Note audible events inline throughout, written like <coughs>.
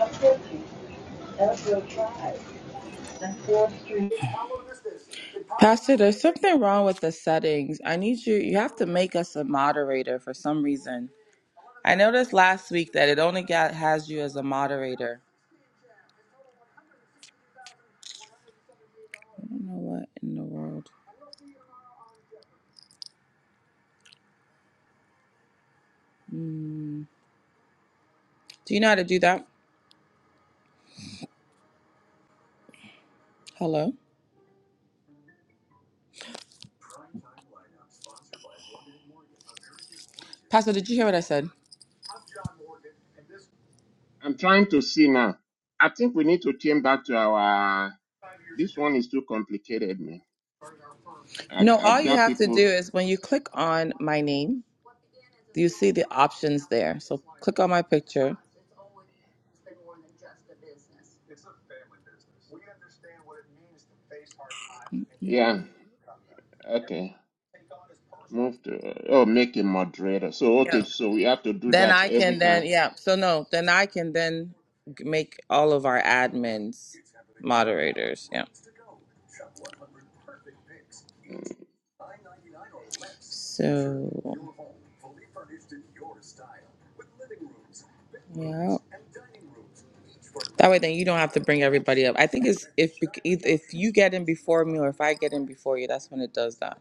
Uphill Street, Ellisville Drive, and Fourth Street. Pastor, there's something wrong with the settings. I need you, you have to make us a moderator for some reason. I noticed last week that it only got, has you as a moderator. I don't know what in the world. Mm. Do you know how to do that? Hello? Pastor, did you hear what I said? I'm trying to see now. I think we need to turn back to our. This one is too complicated, man. I, No, all I've you got have to do people. is when you click on my name, you see the options there. So click on my picture. Yeah. Okay. Move to. Oh, make a moderator. So, Yeah. okay. So we have to do Then that I can every time. then yeah. So no, then I can then g- make all of our admins moderators. Yeah. So yeah. That way, then you don't have to bring everybody up. I think it's if bec- if if you get in before me or if I get in before you, that's when it does that.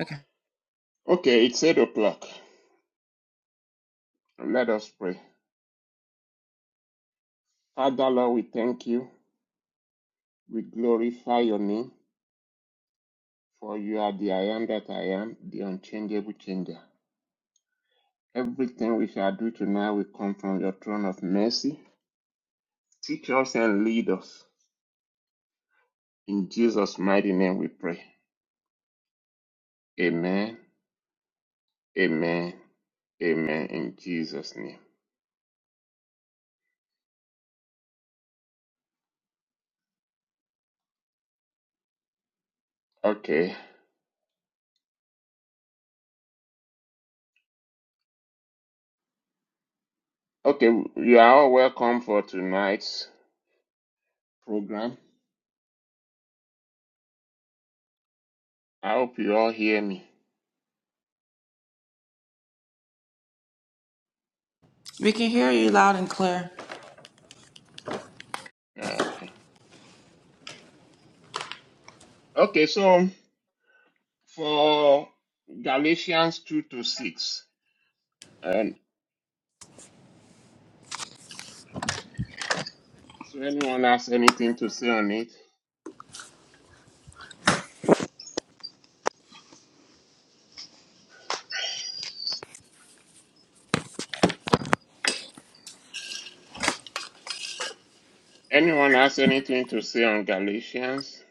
Okay. Okay. It's 8 o'clock. Let us pray. Father, Lord, we thank you. We glorify your name, for you are the I am that I am, the unchangeable changer. Everything we shall do tonight will come from your throne of mercy. Teach us and lead us. In Jesus' mighty name we pray. Amen. Amen. Amen. In Jesus' name. Okay. Okay. You are all welcome for tonight's program. I hope you all hear me. We can hear you loud and clear. Okay. Okay. So for Galatians 2 to 6. And so anyone has anything to say on it? Anyone has anything to say on Galatians?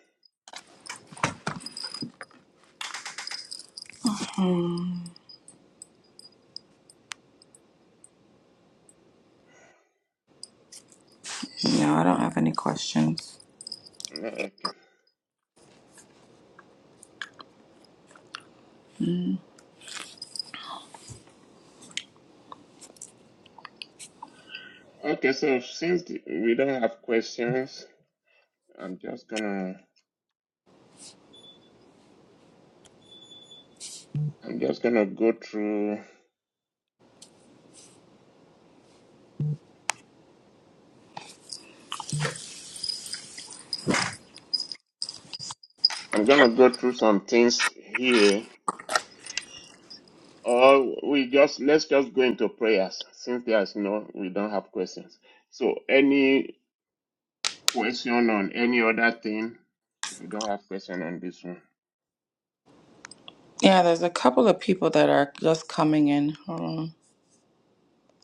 No, I don't have any questions. Okay. Okay. So since we don't have questions, I'm just gonna I'm just gonna go through. I'm gonna go through some things here, or we just let's just go into prayers since there's no we don't have questions. So any question on any other thing? If you don't have question on this one, Yeah, there's a couple of people that are just coming in. Hold on.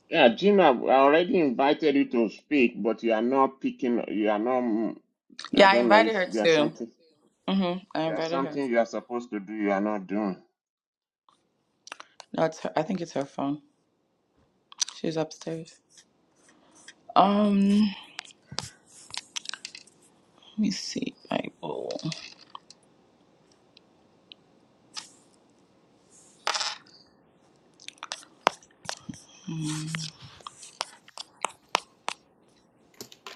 yeah, Gina, I already invited you to speak, but you are not picking. You are not. I Yeah, I don't know invited if her there's too. something. Mhm. I There's invited her. something you are supposed to do. You are not doing. No, it's her, I think it's her phone. She's upstairs. Um, let me see. Bible.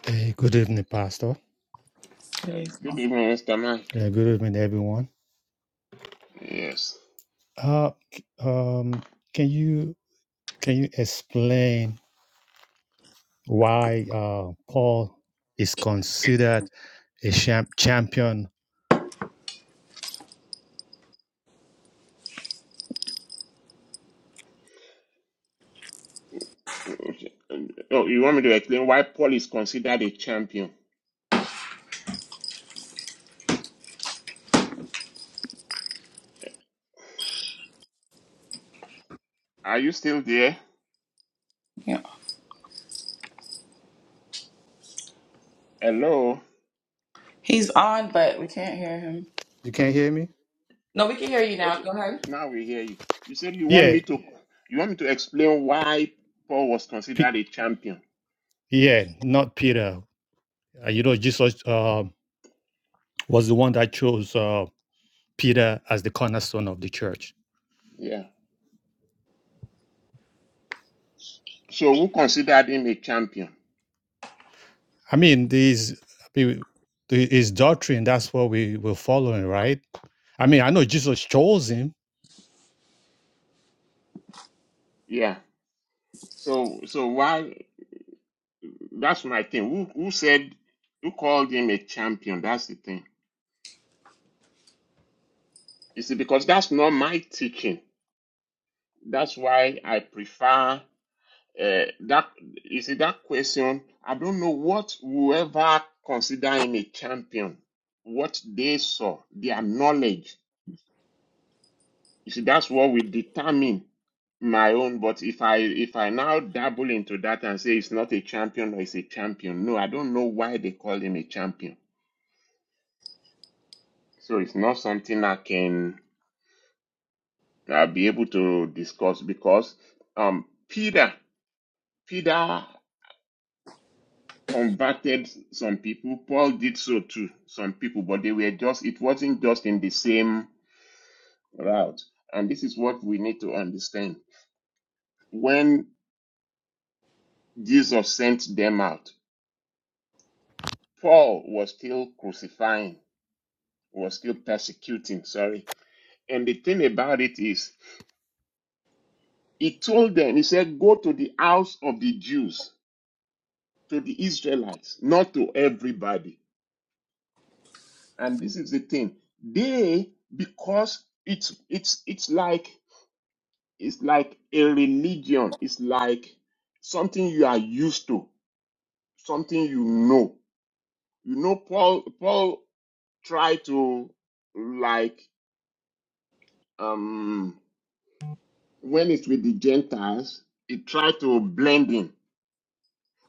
Hey, good evening, Pastor. Uh, Today's good on. evening, Mr. Mike. Yeah, good evening, everyone. Yes. Uh, c- um, can you can you explain why uh, Paul is considered a champ- champion? Okay. Oh, you want me to explain why Paul is considered a champion? Are you still there? Yeah, Hello. he's on, but we can't hear him. You can't hear me? No, we can hear you now. Okay, Go ahead. now we hear you. You said you want Yeah, me to you want me to explain why Paul was P- considered a champion. yeah, not Peter. Uh, you know, Jesus uh, was the one that chose uh, Peter as the cornerstone of the church. Yeah. So who considered him a champion? I mean, these I mean, the- his doctrine. That's what we were following, right? I mean, I know Jesus chose him, Yeah. So so why that's my thing. Who who said who called him a champion? That's the thing. You see, because that's not my teaching. That's why I prefer Uh, that you see that question. I don't know what whoever consider him a champion, what they saw, their knowledge. You see, that's what will determine my own. But if I if I now dabble into that and say it's not a champion or it's a champion, no, I don't know why they call him a champion. So it's not something I can uh, be able to discuss because um Peter Peter converted some people. Paul did so to some people, but they were just, it wasn't just in the same route. And this is what we need to understand. When Jesus sent them out, Paul was still crucifying, was still persecuting, sorry. And the thing about it is, he told them, he said, go to the house of the Jews, to the Israelites, not to everybody. And this is the thing. They, because it's, it's, it's like It's like a religion. It's like something you are used to, something you know. You know, Paul Paul tried to like um when it's with the Gentiles, he tried to blend in.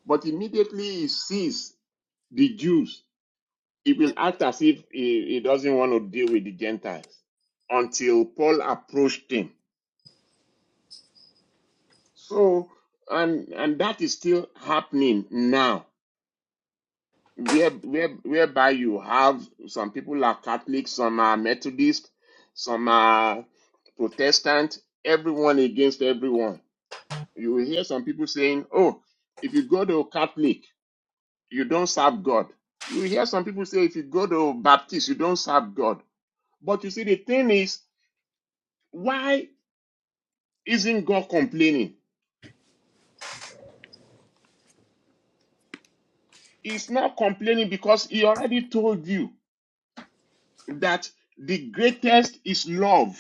But immediately he sees the Jews, he will act as if he, he doesn't want to deal with the Gentiles until Paul approached him. So and and that is still happening now where, where, whereby you have some people are Catholic, some are Methodist, some are Protestant, everyone against everyone. You will hear some people saying, Oh, if you go to Catholic, you don't serve God. You will hear some people say, If you go to Baptist, you don't serve God. But you see, the thing is, why isn't God complaining? He's not complaining because He already told you that the greatest is love.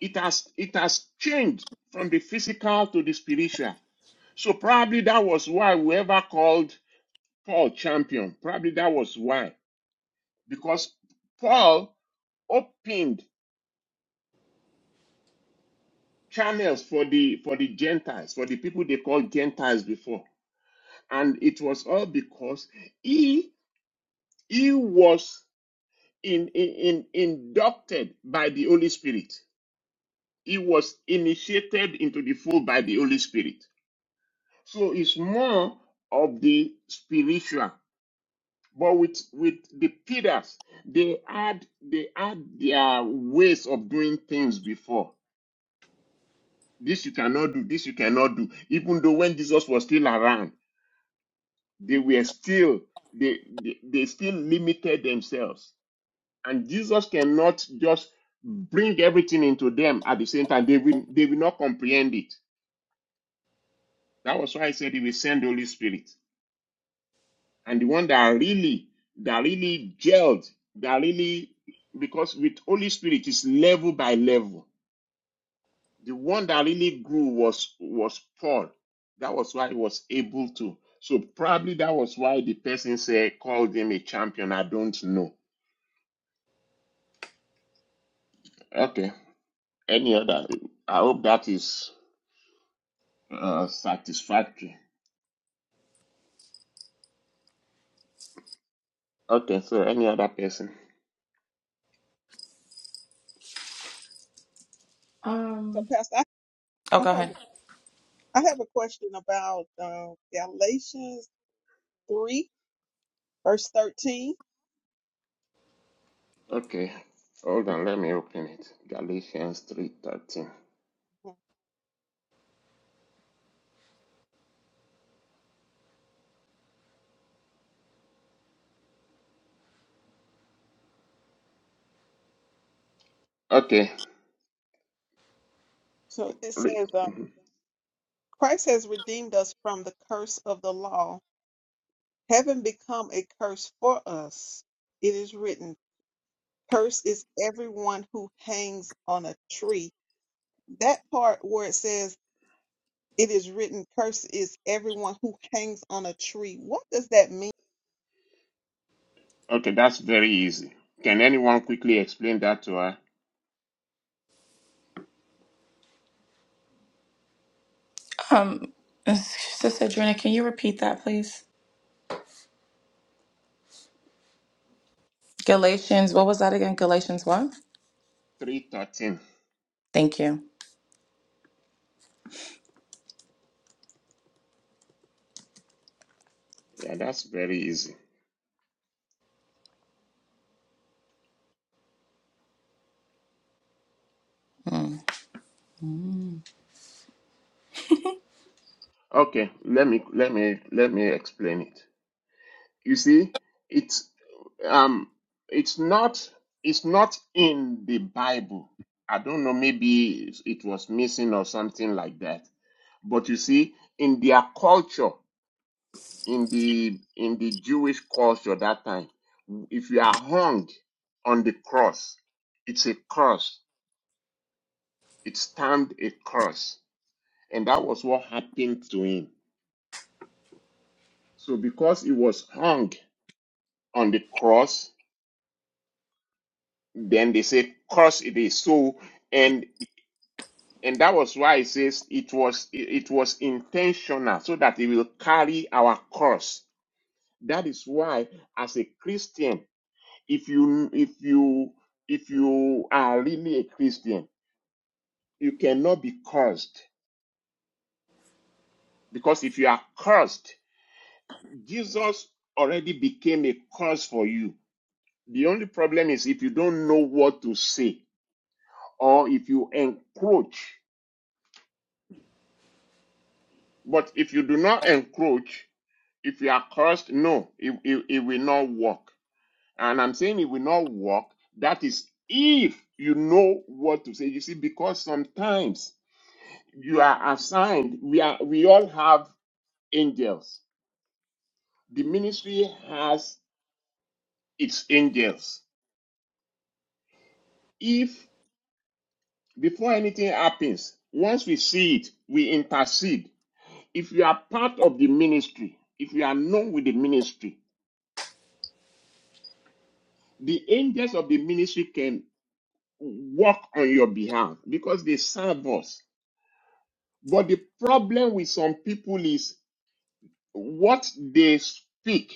it has it has changed from the physical to the spiritual. So probably that was why whoever called Paul champion, probably that was why. Because Paul opened channels for the for the Gentiles, for the people they called Gentiles before. And it was all because he he was in, in, in inducted by the Holy Spirit. He was initiated into the fold by the Holy Spirit. So it's more of the spiritual. But with with the Peters, they had they had their ways of doing things before. This you cannot do, this you cannot do. Even though when Jesus was still around, they were still they they, they still limited themselves. And Jesus cannot just bring everything into them at the same time. They will they will not comprehend it. That was why I said he will send the Holy Spirit. and the one that really that really gelled that really because with holy spirit is level by level the one that really grew was was paul that was why he was able to so probably that was why the person said called him a champion i don't know okay any other i hope that is uh, satisfactory okay so any other person So, Um, Pastor, I, Oh, I go have ahead. a- I have a question about uh, Galatians three verse thirteen. okay hold on let me open it galatians 3.13 Mhm. okay So it Re- says, uh, "Christ has redeemed us from the curse of the law, having become a curse for us. It is written, Curse is everyone who hangs on a tree." That part where it says, "It is written, Curse is everyone who hangs on a tree." What does that mean? Okay, that's very easy. Can anyone quickly explain that to her? um, Sister Drina, can you repeat that, please? Galatians. What was that again? Galatians what? 313. Thank you. Yeah, that's very easy. Hmm. Okay, let me let me let me explain it. You see, it's um it's not it's not in the Bible. I don't know maybe it was missing or something like that. But you see, in their culture, in the in the Jewish culture that time, if you are hung on the cross, it's a curse It's termed a curse. And that was what happened to him. So because he was hung on the cross, then they said, curse it is. So, and and that was why it says it was it it was intentional so that it will carry our curse. That is why as a Christian, if you if you if you are really a Christian, you cannot be cursed. Because if you are cursed, Jesus already became a curse for you. The only problem is if you don't know what to say or if you encroach. But if you do not encroach, if you are cursed, no, it, it, it will not work. And I'm saying it will not work. That is if you know what to say. You see, because sometimes you are assigned, we are we all have angels. The ministry has its angels. If before anything happens, once we see it, we intercede If you are part of the ministry, if you are known with the ministry, the angels of the ministry can work on your behalf because they serve us. But the problem with some people is what they speak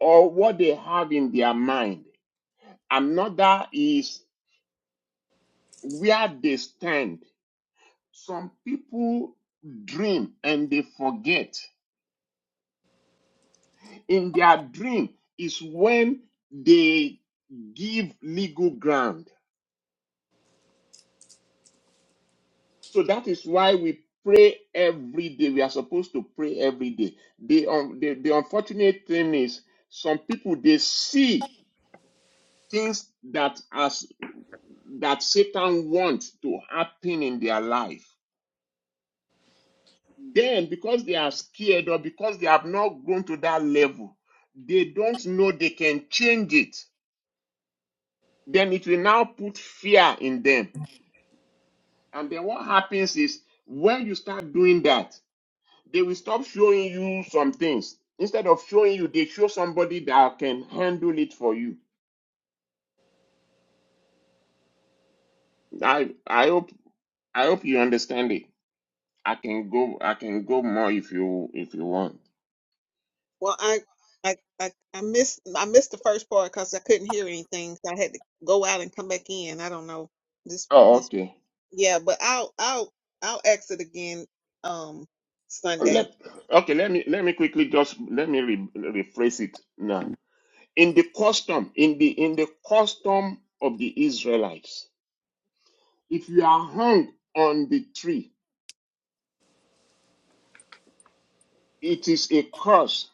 or what they have in their mind. Another is where they stand. Some people dream and they forget. In their dream is when they give legal ground So that is why we pray every day. We are supposed to pray every day. The, un- the, the unfortunate thing is some people they see things that as that Satan wants to happen in their life. Then because they are scared or because they have not grown to that level, they don't know they can change it. Then it will now put fear in them. And then what happens is when you start doing that, they will stop showing you some things. Instead of showing you, they show somebody that can handle it for you. I I hope I hope you understand it. I can go I can go more if you if you want. Well, I, I, I, I missed, I missed the first part because I couldn't hear anything. So I had to go out and come back in. I don't know this, Oh, this, okay. yeah, but I'll, I'll, I'll exit again, um, Sunday. Let, okay, let me let me quickly just let me re- rephrase it now. In the custom, in the in the custom of the Israelites, if you are hung on the tree, it is a curse.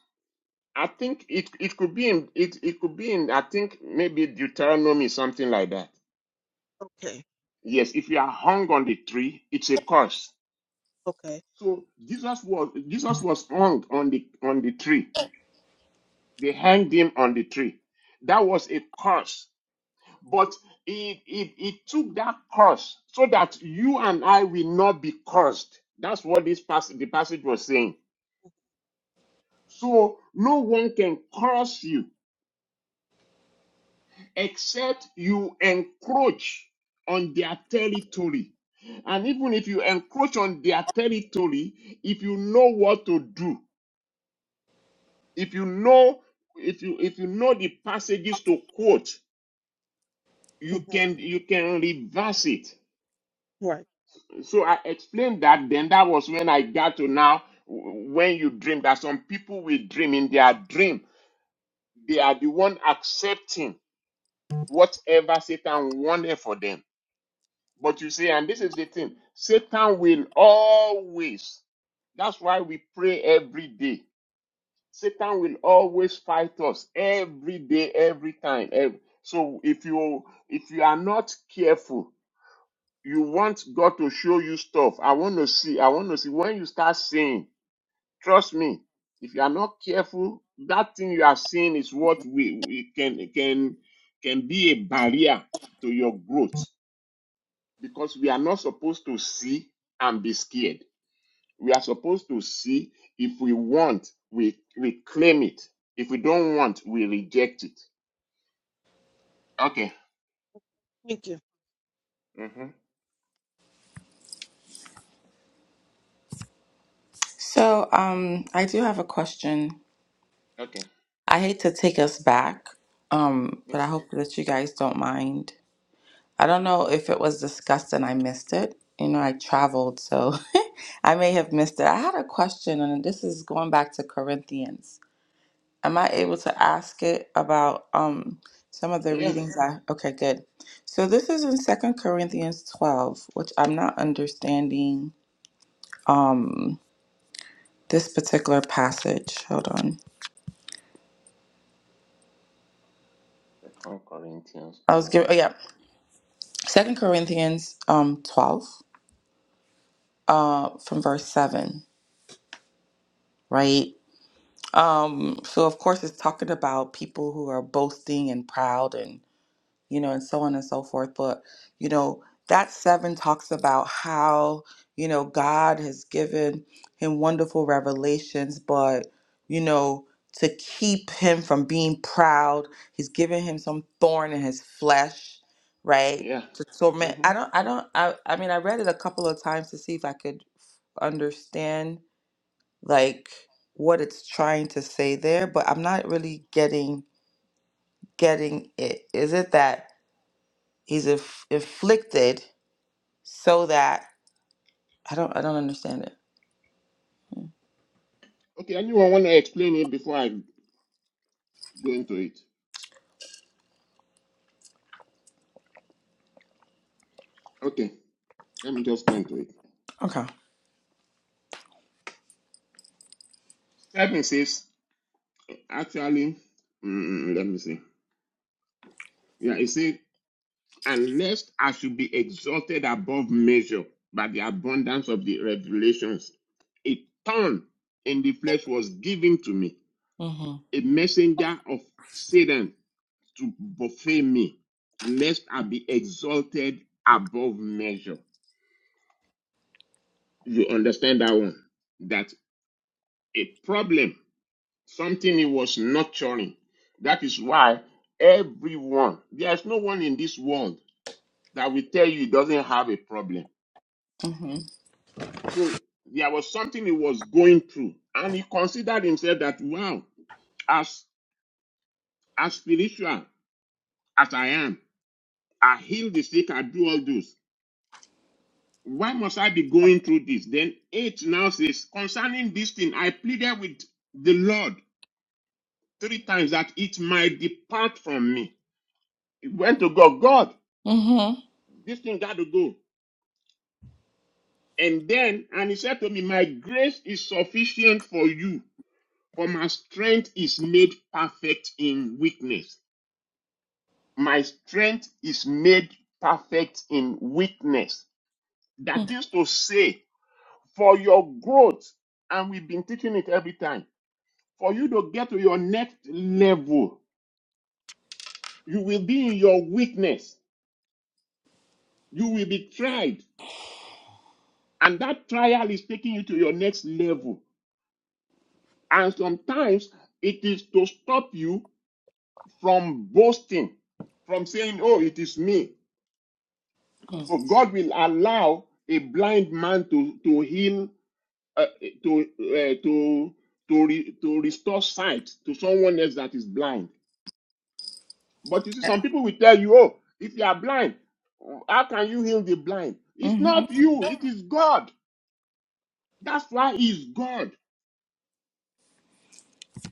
I think it, it could be in it, it could be in I think maybe Deuteronomy something like that. Okay. Yes, if you are hung on the tree, it's a curse. Okay. So Jesus was Jesus was hung on the on the tree. They hanged him on the tree. That was a curse. But it it, it took that curse so that you and I will not be cursed. That's what this passage the passage was saying. So no one can curse you except you encroach on their territory. And even if you encroach on their territory, if you know what to do, if you know if you if you know the passages to quote, hmm you can you can reverse it. Right. So I explained that then that was when I got to now w- when you dream that some people will dream in their dream, they are the one accepting whatever Satan wanted for them But you see, and this is the thing Satan will always, that's why we pray every day. Satan will always fight us every day, every time. ev- So if you if you are not careful, you want God to show you stuff. I want to see. I want to see when you start seeing. Trust me, if you are not careful, that thing you are seeing is what we, we can can can be a barrier to your growth because we are not supposed to see and be scared. We are supposed to see if we want, we we claim it. If we don't want, we reject it. Okay. Thank you. Mm-hmm. So, um, I do have a question. Okay. I hate to take us back, um, but I It's, hope that you guys don't mind. I don't know if it was discussed and I missed it. You know, I traveled, so <laughs> I may have missed it. I had a question, and this is going back to Corinthians. Am I able to ask it about um some of the yeah. readings? I okay, good. So this is in Second Corinthians twelve, which I'm not understanding um this particular passage. Hold on. Second Corinthians I was giving oh twelve. yeah, Second Corinthians um twelve uh from verse seven, right? Um, so of course it's talking about people who are boasting and proud and you know and so on and so forth. But you know, that seven talks about how, you know, God has given him wonderful revelations, but you know, to keep him from being proud, he's given him some thorn in his flesh, right? Yeah. To torment Mm-hmm. I don't I don't I I mean I read it a couple of times to see if I could understand like what it's trying to say there, but I'm not really getting getting it. Is it that he's inf- inflicted so that I don't I don't understand it. Okay. Anyone want to explain it before I go into it? Okay. Let me just go into it. Okay. Seven says actually. Mm, mm, mm, let me see. Yeah. It says and lest I should be exalted above measure by the abundance of the revelations. A thorn in the flesh was given to me, Mhm. a messenger of Satan to buffet me, lest I be exalted above measure. You understand that one? That a problem, something he was nurturing. That is why everyone, there's no one in this world that will tell you he doesn't have a problem Mhm. So there was something he was going through, and he considered himself that wow, as as spiritual as I am, I heal the sick, I do all those. Why must I be going through this? Then eight now says, concerning this thing, I pleaded with the Lord three times that it might depart from me. He went to God, God, Mhm. this thing got to go. And then, and he said to me, My grace is sufficient for you, for my strength is made perfect in weakness. my strength is made perfect in weakness. That is to say, for your growth, and we've been teaching it every time, for you to get to your next level, you will be in your weakness. You will be tried, and that trial is taking you to your next level. And sometimes it is to stop you from boasting, from saying, Oh, it is me. So God will allow a blind man to, to heal uh, to uh, to to re, to restore sight to someone else that is blind. But you see, some people will tell you, "Oh, if you are blind, how can you heal the blind?" It's Mhm. not you; it is God. That's why He's God.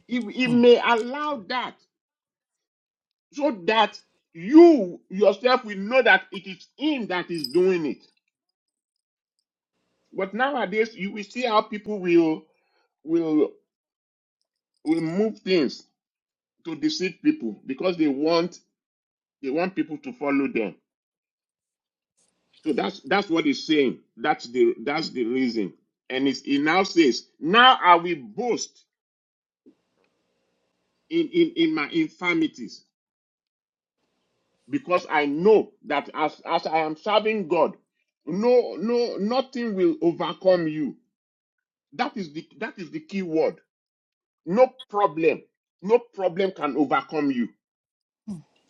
He, he may allow that so that you yourself will know that it is Him that is doing it. But nowadays, you will see how people will will will move things to deceive people because they want they want people to follow them So that's that's what he's saying. That's the that's the reason. And it's, he now says, Now I will boast in, in, in my infirmities, because I know that as, as I am serving God, no, no, nothing will overcome you. That is the that is the key word. No problem, no problem can overcome you,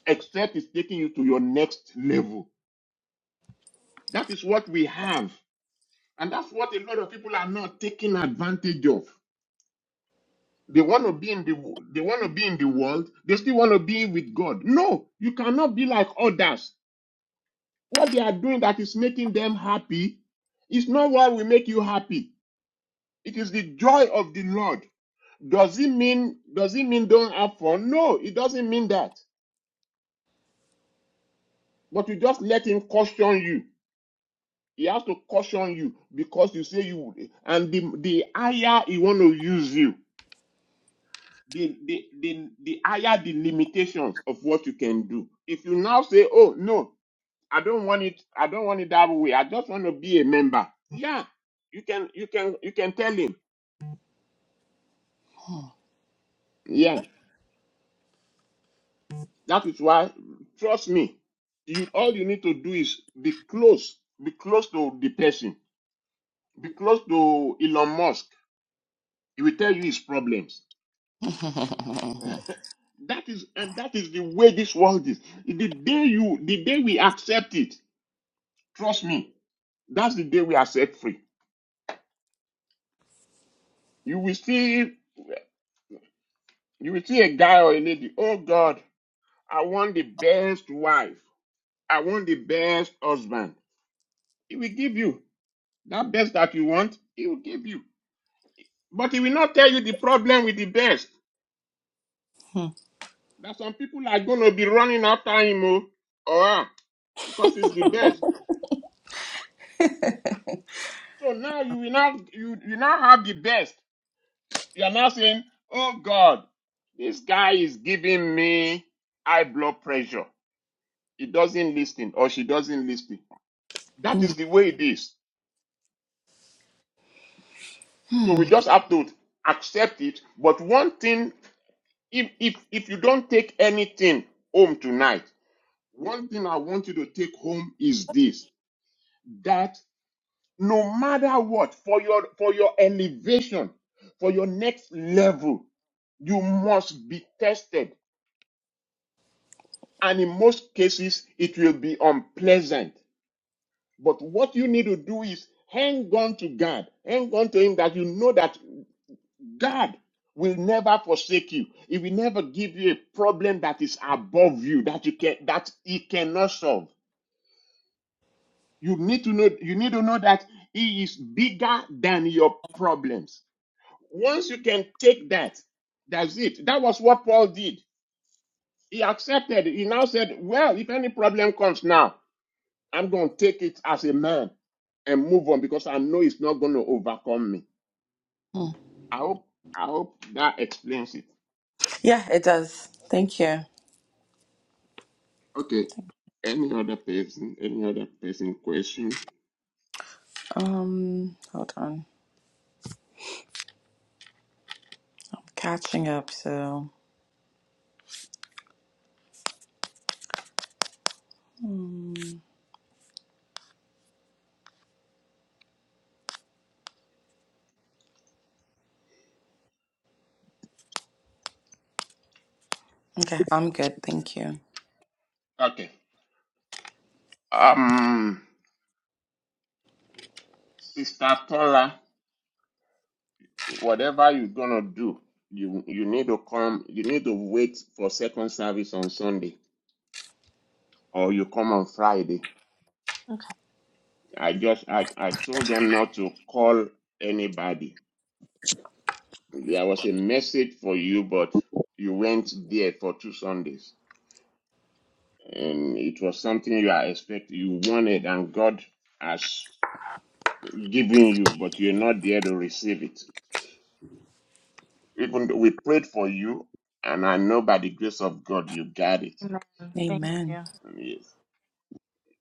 except it's taking you to your next level. That is what we have, and that's what a lot of people are not taking advantage of. They want to be in the they want to be in the world. They still want to be with God. No, you cannot be like others. What they are doing that is making them happy is not what will make you happy. It is the joy of the Lord. Does it mean does it mean don't have fun? No, it doesn't mean that. But you just let him caution you. He has to caution you because you say you would. And the, the higher he want to use you. the, the, the, the higher the limitations of what you can do. If you now say, oh, no, I don't want it, I don't want it that way. I just want to be a member. Yeah, you can, you can, you can tell him. Yeah, that is why, trust me, you, all you need to do is be close, be close to the person, be close to Elon Musk. He will tell you his problems. That is, and that is the way this world is. The day you, the day we accept it, trust me, that's the day we are set free. You will see you will see a guy or a lady, oh God, I want the best wife. I want the best husband. He will give you that best that you want, he will give you. But he will not tell you the problem with the best. Mhm. That some people are going to be running after him oh, or her because it's the best. So now you will not you, you now have the best. You are now saying, Oh God, this guy is giving me high blood pressure. He doesn't listen or she doesn't listen That is the way it is. So we Mhm. just have to accept it. But one thing, if if if you don't take anything home tonight, one thing I want you to take home is this: that no matter what, for your for your elevation, for your next level, you must be tested. And in most cases, it will be unpleasant. But what you need to do is hang on to God, hang on to Him that you know that God will never forsake you. He will never give you a problem that is above you that you can that he cannot solve. You need to know you need to know that he is bigger than your problems. Once you can take that, that's it. That was what Paul did. He accepted. it. He now said, "Well, if any problem comes now, I'm going to take it as a man and move on because I know it's not going to overcome me." I hope I hope that explains it. yeah, it does. Thank you. Okay. Any other person? Any other person question? Um, hold on. Catching up, so mm. okay, I'm good. Thank you. Okay. Um, Sister Paula, whatever you're gonna do, you you need to come. You need to wait for second service on Sunday, or you come on Friday. Okay. I just I I told them not to call anybody. There was a message for you, but you went there for two Sundays, and it was something you are expect you wanted, and God has giving you, but you're not there to receive it. Even though we prayed for you, and I know by the grace of God you got it. Amen. Thank Amen. you. Mm, Yes,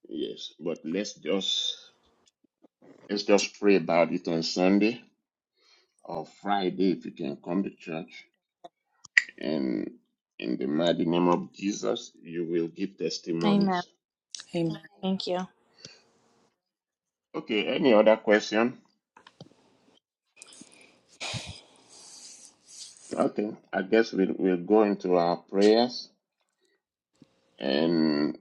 yes. But let's just let's just pray about it on Sunday or Friday if you can come to church. And in the mighty name of Jesus, you will give Amen. testimonies. Amen. Thank you. Okay. Any other question? Okay. I guess we'll we'll go into our prayers and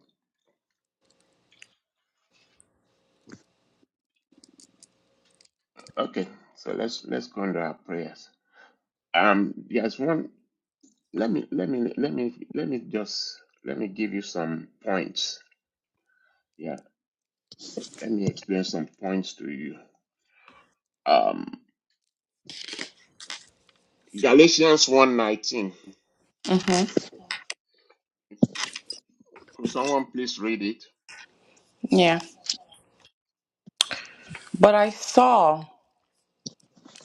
okay. So let's let's go into our prayers. Um, there's one. let me let me let me let me just let me give you some points yeah let me explain some points to you um galatians 119 Mhm. could someone please read it Yeah. But I saw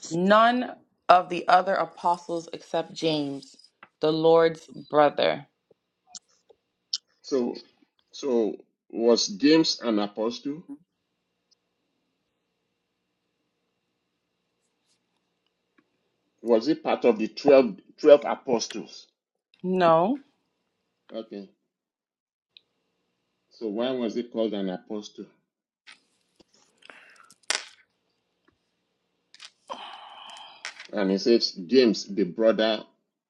none of the other apostles except James, the Lord's brother. so so was james an apostle was he part of the 12 12 apostles No, okay so why was he called an apostle and he says james the brother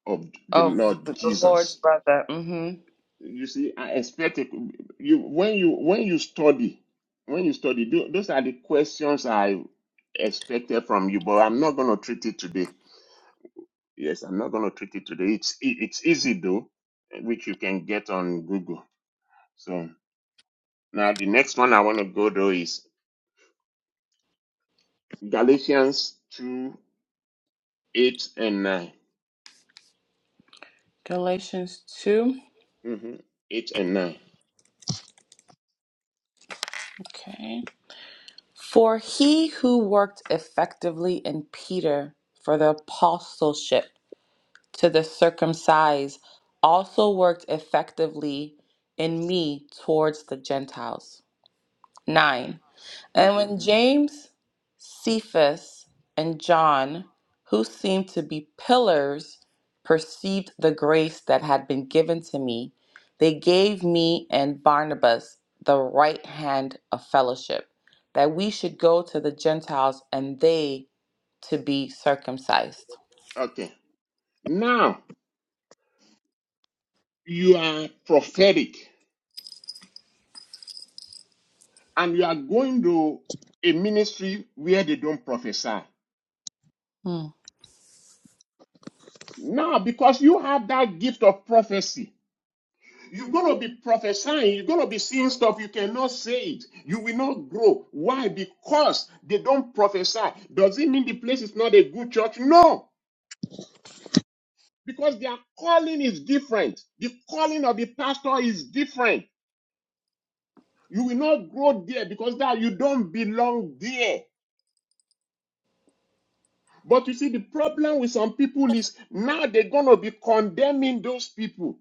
of the of lord the the Lord's jesus brother. hmm You see, I expect it, you when you when you study, when you study, tho- those are the questions I expected from you. But I'm not going to treat it today. Yes, I'm not going to treat it today. It's e- it's easy though, which you can get on Google. So now the next one I want to go though is Galatians two eight and 9 Galatians 2. Mm-hmm. Eight and nine. Okay. For he who worked effectively in Peter for the apostleship to the circumcised also worked effectively in me towards the Gentiles. 9. And Mm-hmm. when James, Cephas, and John, who seemed to be pillars, perceived the grace that had been given to me, they gave me and Barnabas the right hand of fellowship, that we should go to the Gentiles and they to be circumcised. Okay. Now you are prophetic. and you are going to a ministry where they don't prophesy. Hmm. Now, because you have that gift of prophecy, you're going to be prophesying, you're going to be seeing stuff, you cannot say it. You will not grow. Why? Because they don't prophesy. Does it mean the place is not a good church? No, because their calling is different. The calling of the pastor is different. You will not grow there because that you don't belong there. But you see, the problem with some people is now they're going to be condemning those people.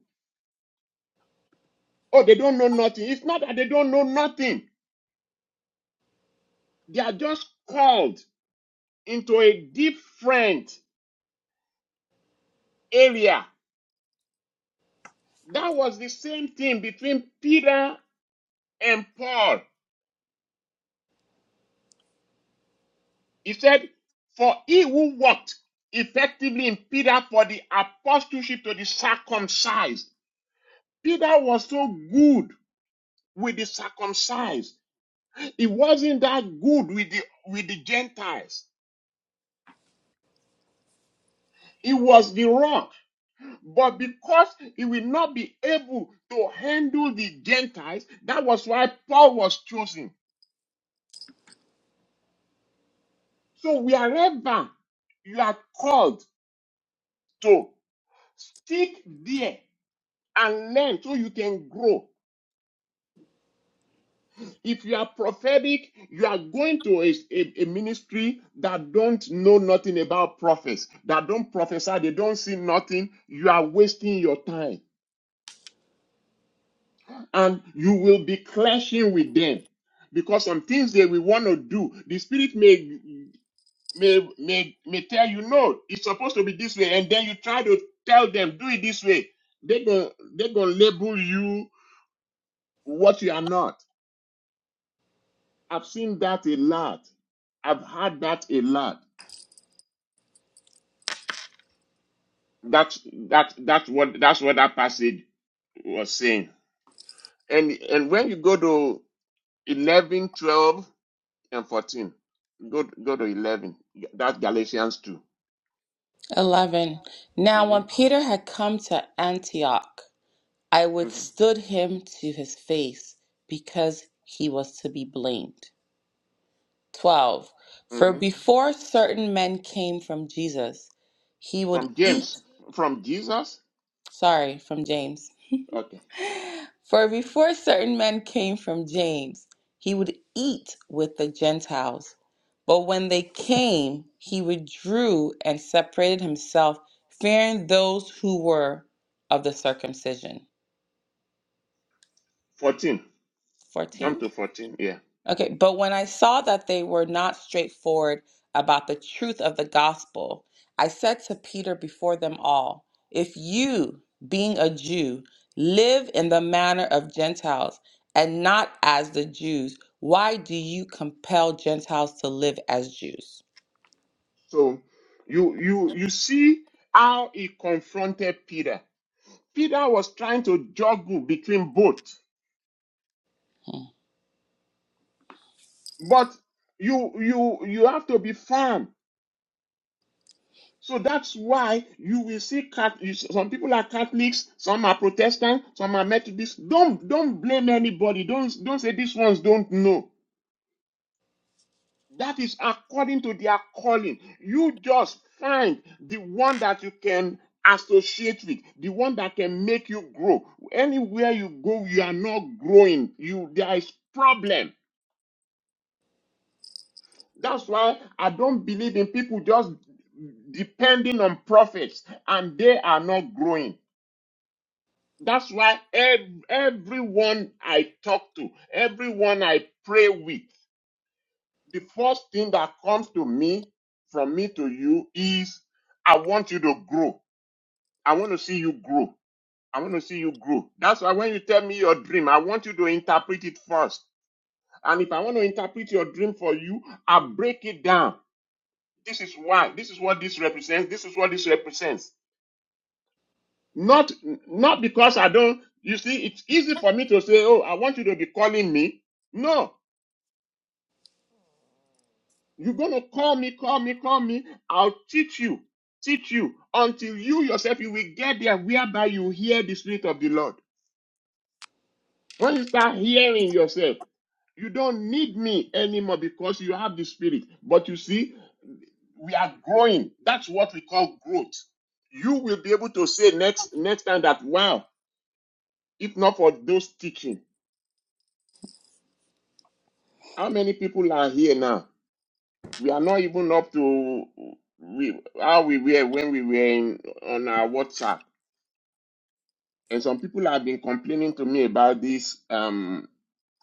Oh, they don't know nothing. It's not that they don't know nothing, they are just called into a different area. That was the same thing between Peter and Paul. He said, For he who walked effectively in Peter for the apostleship to the circumcised. Peter was so good with the circumcised He wasn't that good with the with the Gentiles. He was the rock. But because he will not be able to handle the Gentiles, that was why Paul was chosen. So wherever you are called to stick there and learn so you can grow. If you are prophetic, you are going to a, a, a ministry that don't know nothing about prophets, that don't prophesy, they don't see nothing. You are wasting your time. and you will be clashing with them because some things they will want to do the spirit may may may may tell you no it's supposed to be this way and then you try to tell them do it this way they gonna they gonna label you what you are not i've seen that a lot i've had that a lot that's that that's what that's what that passage was saying and and when you go to 11 12. and 14. Go, go to 11. Yeah, That's Galatians 2. 11. Now, hmm when Peter had come to Antioch, I hmm withstood him to his face because he was to be blamed. 12. For hmm before certain men came from Jesus, he would From eat, James, from Jesus. sorry, from James. Okay. For before certain men came from James, he would eat with the Gentiles. But when they came, he withdrew and separated himself, fearing those who were of the circumcision. 14. 14. Jump to 14. Yeah. Okay, but when I saw that they were not straightforward about the truth of the gospel, I said to Peter before them all, If you, being a Jew, live in the manner of Gentiles and not as the Jews, why do you compel Gentiles to live as Jews? So you you you see how he confronted Peter. Peter was trying to juggle between both. Hmm. But you you you have to be firm So that's why you will see Cat- you- some people are Catholics, some are Protestant, some are Methodist. Don't don't blame anybody. Don't don't say these ones don't know. That is according to their calling. You just find the one that you can associate with, the one that can make you grow. Anywhere you go, you are not growing. You there is problem. That's why I don't believe in people just depending on prophets and they are not growing. That's why ev- everyone I talk to, everyone I pray with, the first thing that comes to me, from me to you, is I want you to grow. I want to see you grow. I want to see you grow. That's why when you tell me your dream, I want you to interpret it first. And if I want to interpret your dream for you, I break it down. This is why. This is what this represents. This is what this represents. Not not because I don't. You see, it's easy for me to say, "Oh, I want you to be calling me." No, you're gonna call me, call me, call me. I'll teach you, teach you until you yourself you will get there, whereby you hear the spirit of the Lord. When you start hearing yourself, you don't need me anymore because you have the spirit. But you see, we are growing. That's what we call growth. You will be able to say next next time that wow, if not for those teaching. How many people are here now? We are not even up to we, how we were when we were in, on our WhatsApp. And some people have been complaining to me about this um,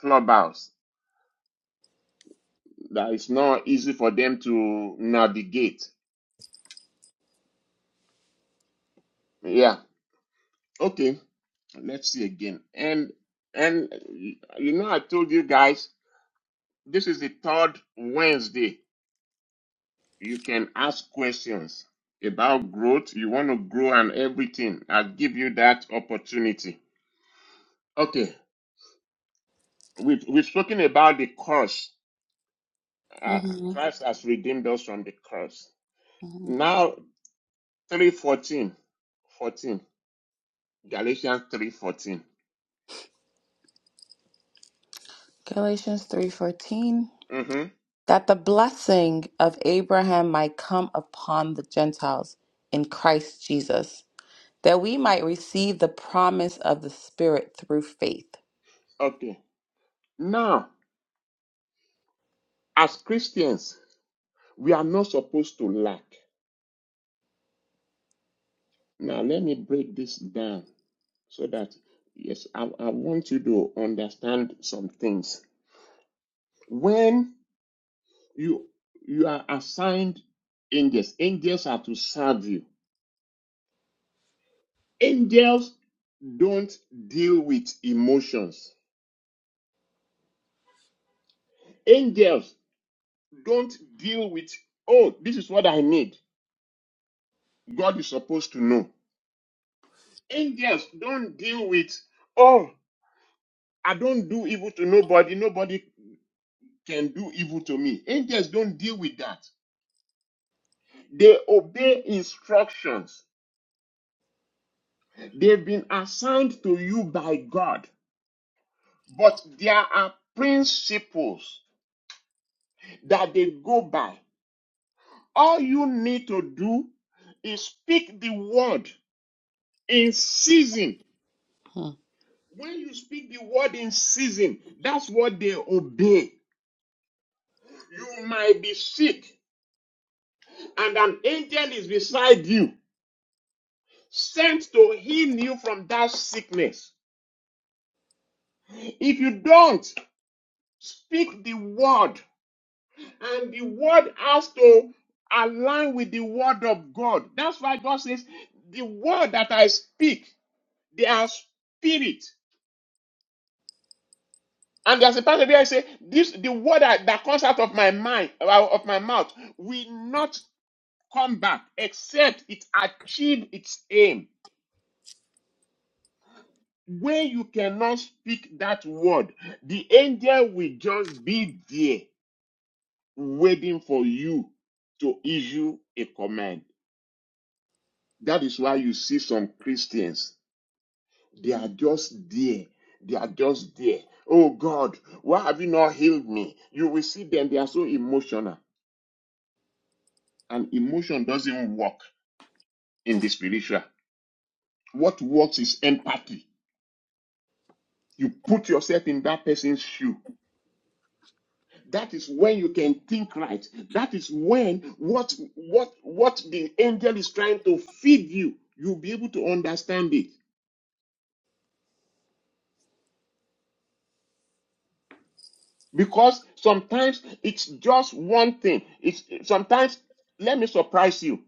clubhouse that it's not easy for them to navigate. Yeah. Okay. Let's see again. And and you know I told you guys this is the third Wednesday You can ask questions about growth. You want to grow and everything. I'll give you that opportunity. Okay, we've, we've spoken about the curse. Uh, Mhm, Christ has redeemed us from the curse. mhm. Now, three fourteen, fourteen Galatians 3:14. Galatians 3:14 Mm-hmm. that the blessing of Abraham might come upon the Gentiles in Christ Jesus that we might receive the promise of the Spirit through faith. Okay. Now, as Christians, we are not supposed to lack. Now, let me break this down so that yes, I, I want you to understand some things. When you you are assigned angels, angels are to serve you. Angels don't deal with emotions. Angels don't deal with oh, this is what I need. God is supposed to know. Angels don't deal with oh, I don't do evil to nobody. Nobody can do evil to me. Angels don't deal with that. They obey instructions. They've been assigned to you by God. But there are principles that they go by. All you need to do is speak the word in season. Hmm. When you speak the word in season, that's what they obey. You might be sick, and an angel is beside you, sent to heal you from that sickness. If you don't speak the word, and the word has to align with the word of God. That's why God says, The word that I speak, they are spirit. And there's a passage where I say, This the word that, that comes out of my mind, uh, of my mouth, will not come back except it achieve its aim. When you cannot speak that word, the angel will just be there waiting for you to issue a command. That is why you see some Christians, they are just there. They are just there. Oh God, why have you not healed me? You will see them, they are so emotional. And emotion doesn't work in the spiritual. What works is empathy. You put yourself in that person's shoe. That is when you can think right. That is when what what what the angel is trying to feed you, you'll be able to understand it. because sometimes it's just one thing it's sometimes let me surprise you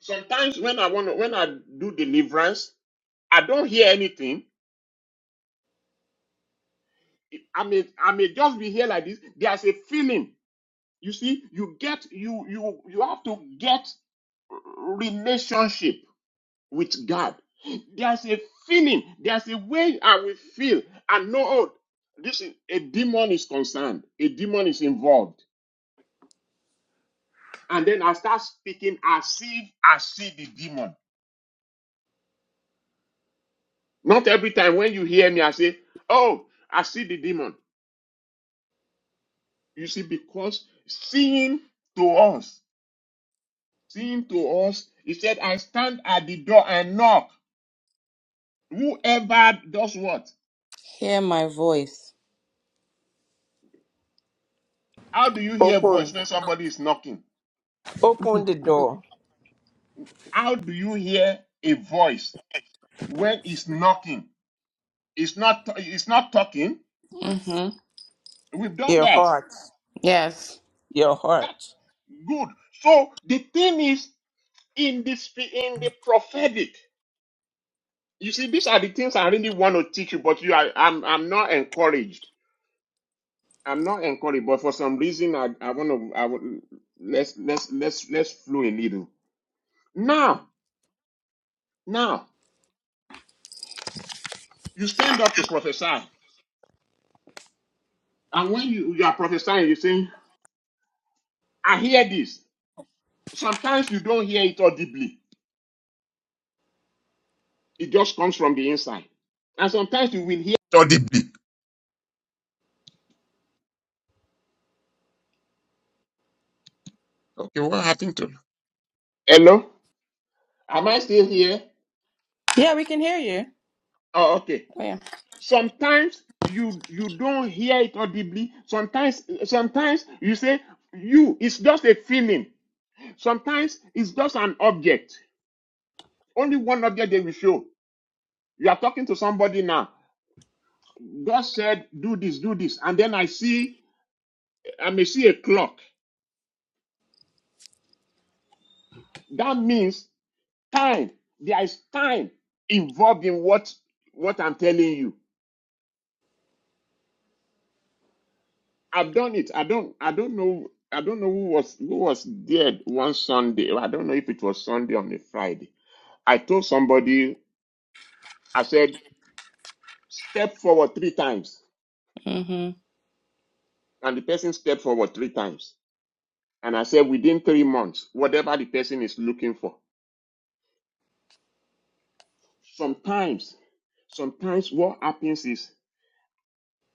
sometimes when i want to when i do deliverance i don't hear anything i may i may just be here like this there's a feeling you see you get you you you have to get relationship with god there's a feeling there's a way i will feel I know oh, this is a demon is concerned a demon is involved and then I start speaking as if I see the demon. Not every time when you hear me, I say, Oh, I see the demon. You see, because seeing to us, seeing to us, he said, I stand at the door and knock. Whoever does what? Hear my voice. How do you hear a voice Open, when somebody is knocking? open the door. How do you hear a voice when it's knocking? It's not it's not talking. hmm We've done Your that. heart, Yes. your That heart. good. So the thing is in the spi- in the prophetic. You see, these are the things I really want to teach you, but you are I'm I'm not encouraged. I'm not encouraged, but for some reason I I want to I would let's let's let's let's flow a little. Now, now you stand up to prophesy, and when you, you are prophesying, you say, I hear this. Sometimes you don't hear it audibly, it just comes from the inside. And sometimes you will hear it audibly. Okay, what happened to Hello? Am I still here? Yeah, we can hear you. Oh, okay. Oh, yeah. sometimes you you don't hear it audibly sometimes sometimes you say you it's just a feeling sometimes it's just an object only one object they will show you are talking to somebody now god said do this do this and then i see i may see a clock that means time there is time involved in what what i'm telling you I've done it. I don't I don't know I don't know who was who was there one Sunday. I don't know if it was Sunday or on a Friday. I told somebody, I said, step forward three times. hmm And the person stepped forward three times. And I said within three months, whatever the person is looking for. Sometimes, sometimes what happens is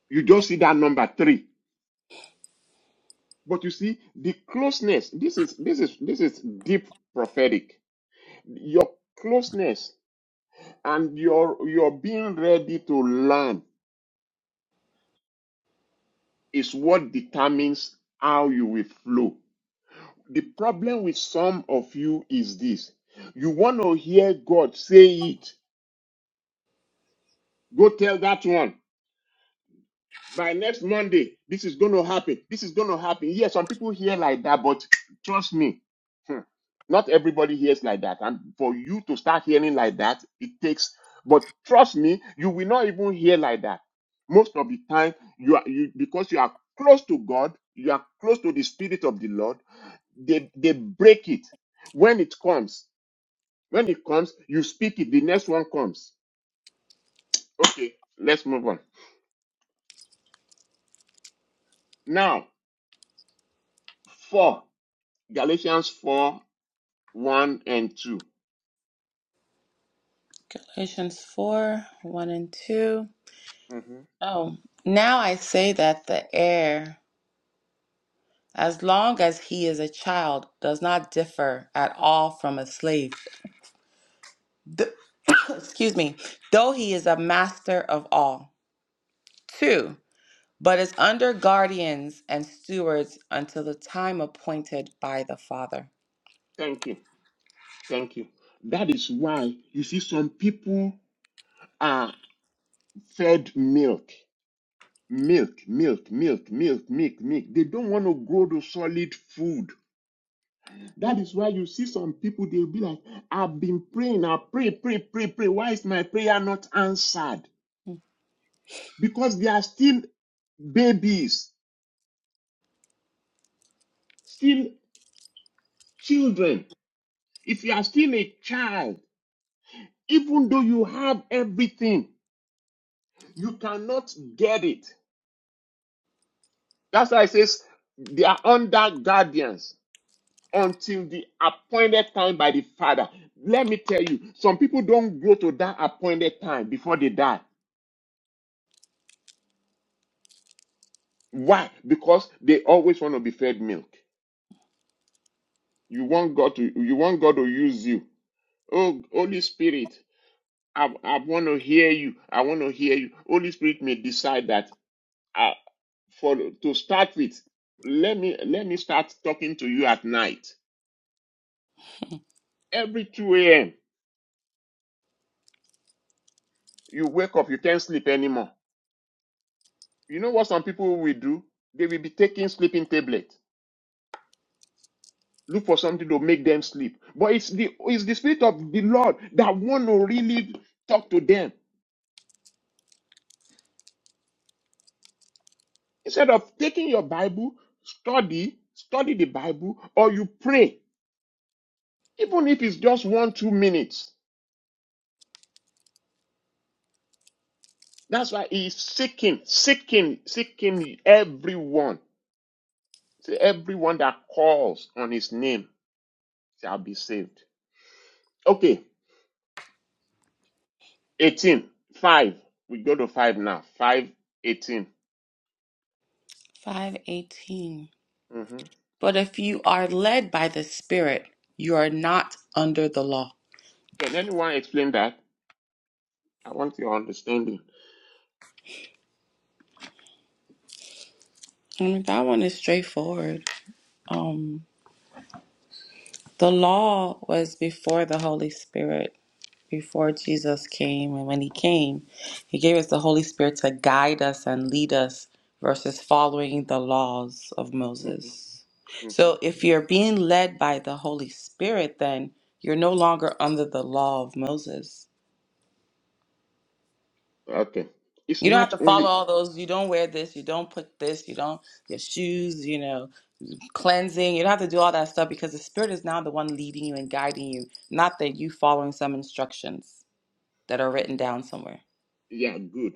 you don't see that number three. But you see, the closeness, this is this is this is deep prophetic. Your closeness and your your being ready to learn is what determines how you will flow. The problem with some of you is this: you want to hear God say it. Go tell that one. by next Monday, this is going to happen. This is going to happen. Yes, some people hear like that, but trust me, hmm, not everybody hears like that. And for you to start hearing like that, it takes. But trust me, you will not even hear like that. Most of the time, you are you because you are close to God, you are close to the Spirit of the Lord. They they break it when it comes. When it comes, you speak it. The next one comes. Okay, let's move on. Now, four Galatians 4 1 and 2. Galatians 4 1 and 2. hmm Oh, now I say that the heir, as long as he is a child, does not differ at all from a slave. Th- <coughs> excuse me, though he is a master of all. Two. but is under guardians and stewards until the time appointed by the Father. Thank you. Thank you. That is why you see some people are fed milk. Milk, milk, milk, milk, milk, milk. They don't want to go to solid food. That is why you see some people, they'll be like, I've been praying, I pray, pray, pray, pray. Why is my prayer not answered? Because they are still babies, still children. If you are still a child, even though you have everything, You cannot get it. That's why it says they are under guardians until the appointed time by the Father. Let me tell you, some people don't go to that appointed time before they die. Why? Because they always want to be fed milk. You want God to you want God to use you. Oh Holy Spirit, I, I want to hear you. I want to hear you. Holy Spirit may decide that uh, for to start with, let me let me start talking to you at night. Every 2 a.m. You wake up, you can't sleep anymore. You know what some people will do? They will be taking sleeping tablets, Look for something to make them sleep. But it's the it's the spirit of the Lord that want to really talk to them. Instead of taking your Bible, study, study the Bible, or you pray, even if it's just one, two minutes. That's why he's seeking, seeking, seeking everyone. See, everyone that calls on his name shall be saved. Okay, 18. 5. We go to 5 now. Five, eighteen. 518. 18. hmm But if you are led by the Spirit, you are not under the law. Can anyone explain that? I want your understanding. And that one is straightforward. Um, the law was before the Holy Spirit. before Jesus came. And when he came, he gave us the Holy Spirit to guide us and lead us versus following the laws of hmm Moses. hmm So if you're being led by the Holy Spirit, then you're no longer under the law of Moses. Okay. It's You don't have not to follow only, all those. You don't wear this. You don't put this. You don't, your shoes, you know, cleansing. You don't have to do all that stuff because the Spirit is now the one leading you and guiding you, not that you following some instructions that are written down somewhere. yeah, good.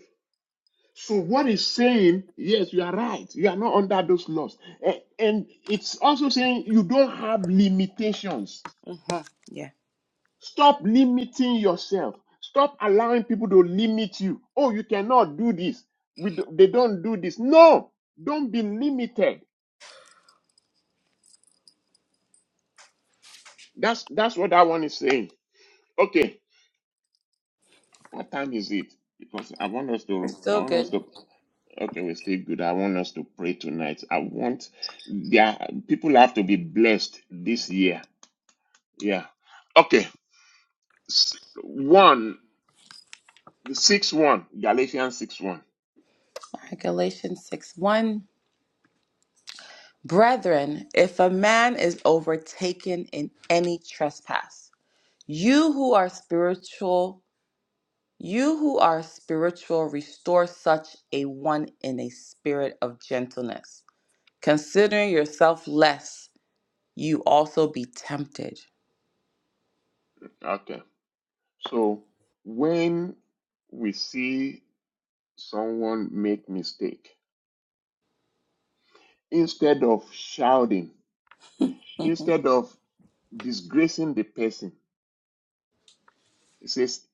So what is saying, yes, you are right. You are not under those laws. A- And it's also saying you don't have limitations. Mhm. Yeah. Stop limiting yourself. Stop allowing people to limit you. Oh, you cannot do this. We do, they don't do this. No, don't be limited. That's that's what that one is saying. Okay, what time is it? Because I want us We're to, I still want us good. to. Okay, we're still good. I want us to pray tonight. I want there people have to be blessed this year. Yeah. Okay. S- One six one Galatians six one. All right, Galatians 6 1. Brethren, if a man is overtaken in any trespass, you who are spiritual, you who are spiritual, restore such a one in a spirit of gentleness, considering yourself less you also be tempted. Okay. So when we see someone make mistake, instead of shouting, instead of disgracing the person, It says,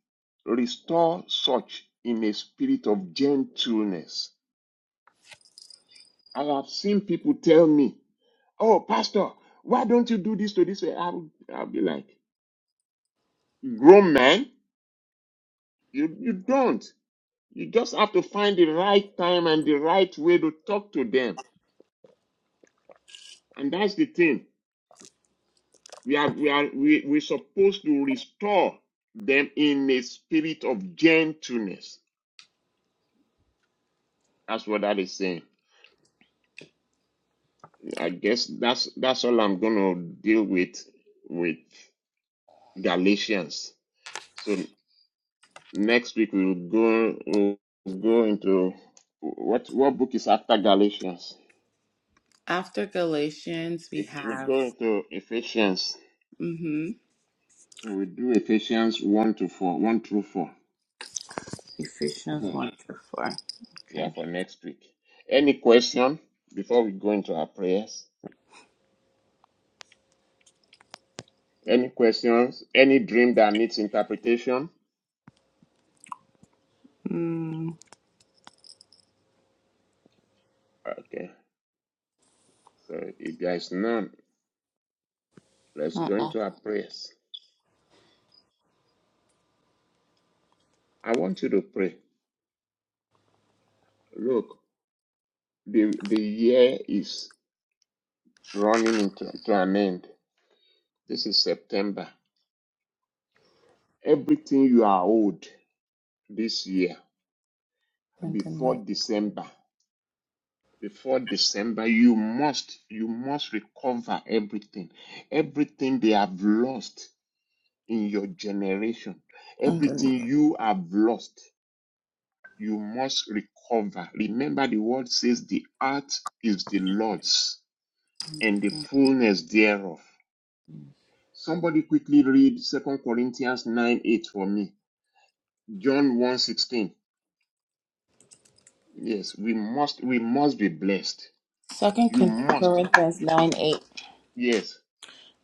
restore such in a spirit of gentleness. I have seen people tell me, Oh, Pastor, why don't you do this to this way? I'll, I'll be like, Grown man, you, you don't. You just have to find the right time and the right way to talk to them. And that's the thing. We are, we are, we, we're supposed to restore them in a spirit of gentleness. That's what that is saying. I guess that's that's all I'm gonna deal with with Galatians. So next week we'll go we'll go into what what book is after Galatians? After Galatians, we If we have go into Ephesians, hmm so we do Ephesians one to four, one through four. Ephesians Four. 1 through 4. Yeah, Okay. for next week. Any question before we go into our prayers? Any questions? Any dream that needs interpretation? Mm, Okay. So if there is none, Let's go uh-uh. into our prayers. I want you to pray. Look, the, the year is running into to an end. This is September. Everything you are owed this year before Underneath. December, before December, you must you must recover everything. Everything they have lost in your generation, Underneath. everything you have lost, you must recover. Remember the word says the earth is the Lord's and the fullness thereof. Somebody quickly read Second Corinthians 9 8 for me. John one 16. Yes, we must we must be blessed. Second You must, Corinthians 9 8. yes,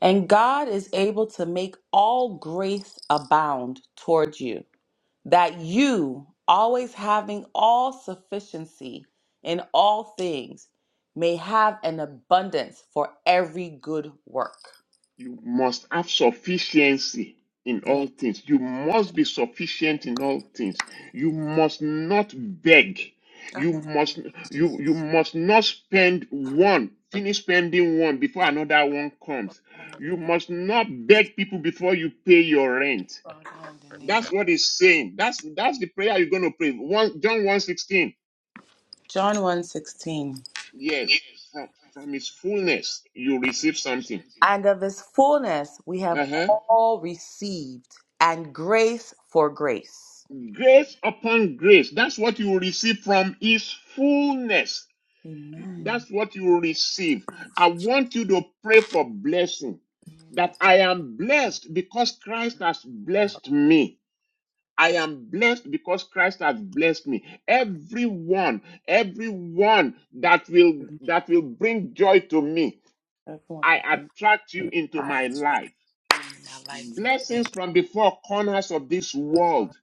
And God is able to make all grace abound toward you, that you, always having all sufficiency in all things, may have an abundance for every good work. you must have sufficiency in Yes. all things. You must be sufficient in all things. You must not beg. I You thank must you, you you Jesus. must not spend one, finish spending one before another one comes. Father, You must not beg people before you pay your rent. in the name That's of- what he's saying. That's that's the prayer you're going to pray. One, John one sixteen. John one sixteen, Yes, from, from his fullness, you receive something. And of his fullness we have Uh-huh. all received, and grace for grace. Grace upon grace. That's what you will receive from his fullness. Amen. That's what you will receive. I want you to pray for blessing. That I am blessed because Christ has blessed me. I am blessed because Christ has blessed me. Everyone, everyone that will that will bring joy to me, Everyone I that brings attract you into our my life. in our life in the name Blessings from the four corners of this of world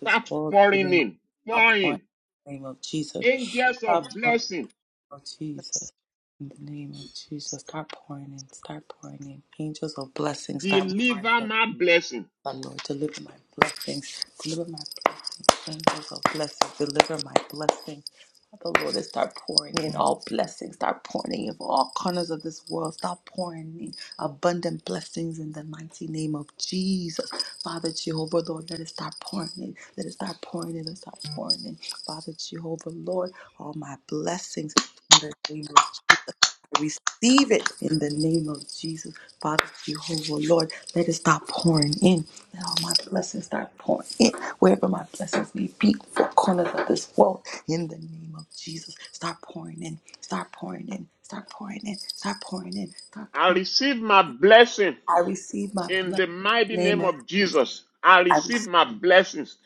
this world, in the pouring name of in, our point, pouring. in the name of Jesus. Angels Stop of pouring in blessing, the name of Jesus. In the name of Jesus, start pouring in, start pouring in. Angels of blessing, start pouring in. deliver my blessing. Oh, Lord, deliver my blessings, deliver my blessings, angels of blessings, deliver my blessings. Father, Lord, and start pouring in all blessings, start pouring in from all corners of this world, start pouring in abundant blessings in the mighty name of Jesus. Father Jehovah, Lord, let it start pouring in, let it start pouring in, let it start pouring in. Father Jehovah, Lord, all my blessings in the name of Jesus. I receive it in the name of Jesus, Father Jehovah, Lord. Let it start pouring in. Let all my blessings start pouring in. Wherever my blessings may be, four corners of this world, in the name of Jesus, start pouring in, start pouring in, start pouring in, start pouring in, start I pouring. receive my blessing. I receive my In blessing. the in mighty the Name name of of Jesus, I I receive receive my blessings.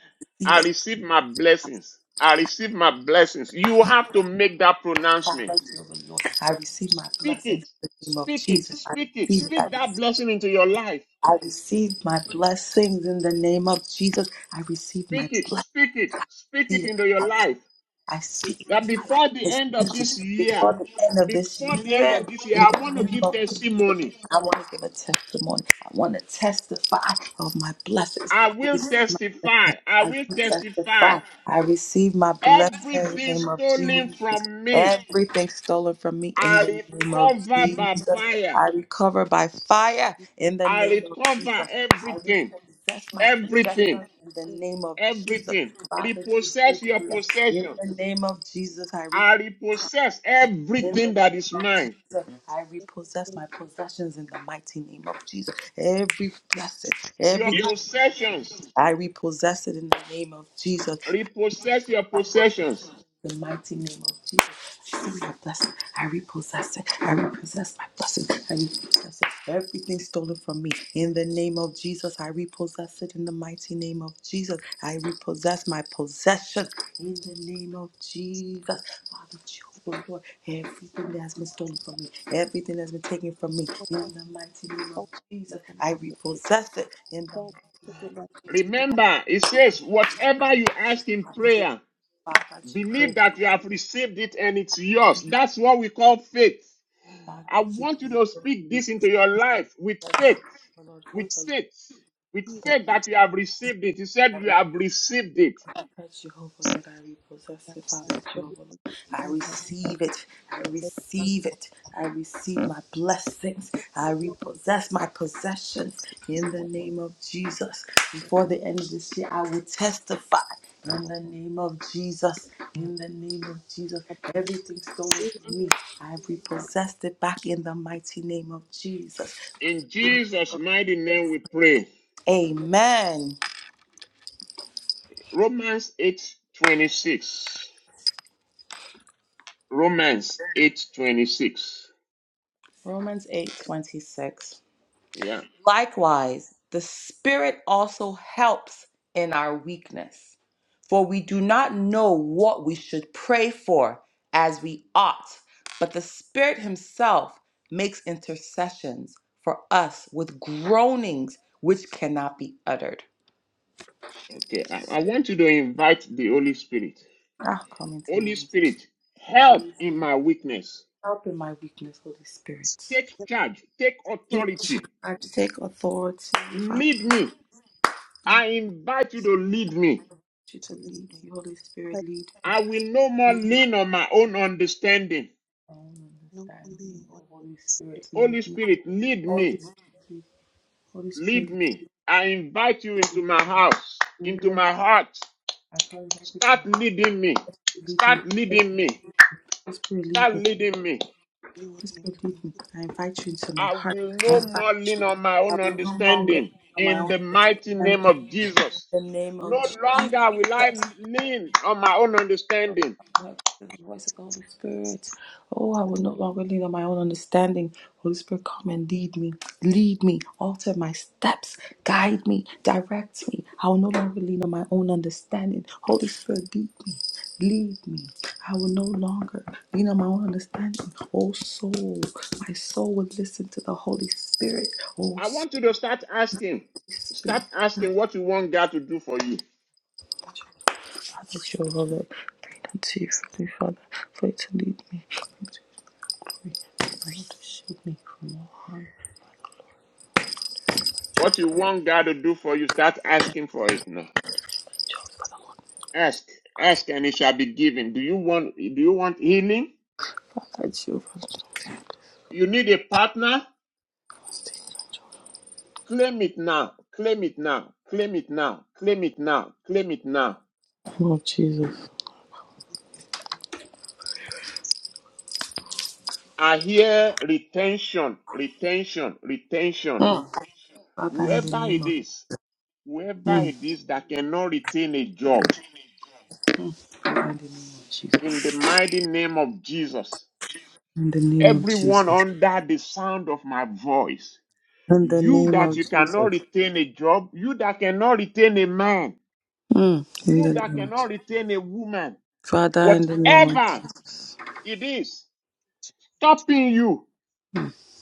I it. receive my blessings. I receive my blessings. You have to make that pronouncement. Father Jehovah, Lord. I receive my Speak blessing in it. the name of Speak it. Jesus. I Speak it. receive Speak it. that blessing into your life. I See, receive my blessings in the name of Jesus. I receive my Speak it. Speak it. Speak it blessing. into your I life. I see. speak That it. I like before the to end of this speak it year, before the end of this before the end year. of this In year, I want the to name give of Jesus, testimony. I want to give a testimony. I want to testify of my blessings. I I will receive my blessings. testify. I I will do testify. testify. I receive my blessings in the Everything name of stolen Jesus. from me Everything stolen from me in I the name of recover by Jesus. fire. I recover by fire in the I name of Jesus. recover I everything, repossess my everything, possessions in the name of Jesus. everything. Father, you Repossess your in possessions. the name of Jesus, I reap. I repossess In the everything that is name of mine. Jesus, I repossess my possessions in the mighty name of Jesus. Every blessing, Your everything, possessions. I repossess it in the name of Jesus. Repossess your possessions. the mighty name of Jesus. She said, We I repossess it. I repossess my blessing. I repossess it. Everything stolen from me. In the name of Jesus, I repossess it. In the mighty name of Jesus, I repossess my possession. In the name of Jesus, Father, Jehovah, Lord, everything that has been stolen from me, everything that's been taken from me, in the mighty name of Jesus, I repossess it. In the mighty name of Remember, it says, whatever you ask in Father, Jehovah, prayer, Father, believe Jehovah, that you have received it and it's yours. That's what we call faith. Father, I want you Jehovah. to speak this Lord, into your life with Lord faith, Jehovah, Lord with Lord faith, with faith Father, that you have received it. You said you have received it. Lord Father, Jehovah, Lord, I repossess it, Father Jehovah, I receive it, I receive it, I receive my blessings, I repossess my possessions in the name of Jesus. Before the end of this year, I will testify in the name of Jesus, in the name of Jesus. Everything stolen from me, I repossessed it back in the mighty name of Jesus. In Jesus' mighty name we pray. Amen. Romans 8 26. Romans 8 26. Romans eight twenty six. Yeah. Likewise, the Spirit also helps in our weakness, for we do not know what we should pray for as we ought, but the Spirit Himself makes intercessions for us with groanings which cannot be uttered. Okay. I, I want you to invite the Holy Spirit. Ah, come into my Holy midst. Spirit, help Holy- in my weakness. Help in my weakness, Holy Spirit. Take charge, take Take charge. authority. Lead me. I invite you to lead me. I will no more lean on my own understanding. No one leading must Holy Spirit, lead me, lead me. I invite you into my house, into my heart. Start leading me, start leading me, start leading me. be with me. Mhm. I invite you into my I heart. will I no more invite lean you. on my I own will no longer understanding lean on my in own the mighty name of understanding. Jesus. the name of No Jesus. longer will I lean on my own understanding. Now, The voice of the Holy Spirit. Oh, I will no longer lean on my own understanding. Holy Spirit, come and lead me, lead me, alter my steps, guide me, direct me. I will no longer lean on my own understanding. Holy Spirit, lead me, lead me. I will no longer lean on my own understanding. I want you to start asking, start asking what you want God to do for you. What you want God to do for you, start asking for it now. Ask, ask, and it shall be given. Do you want? Do you want healing? You need a partner? Claim it now. Claim it now. Claim it now. Claim it now. Claim it now. I hear retention, retention, retention. Mm. Whoever it is, whoever it is that cannot retain a job, In in the mighty name of Jesus, the name of everyone Jesus. under the sound of my voice. In the name of Jesus. In the You name that of you cannot Jesus. retain a job, you that cannot retain a man, Mm. In you the that name of cannot Jesus. retain a woman, Father, in the name of whatever Jesus. it is stopping you,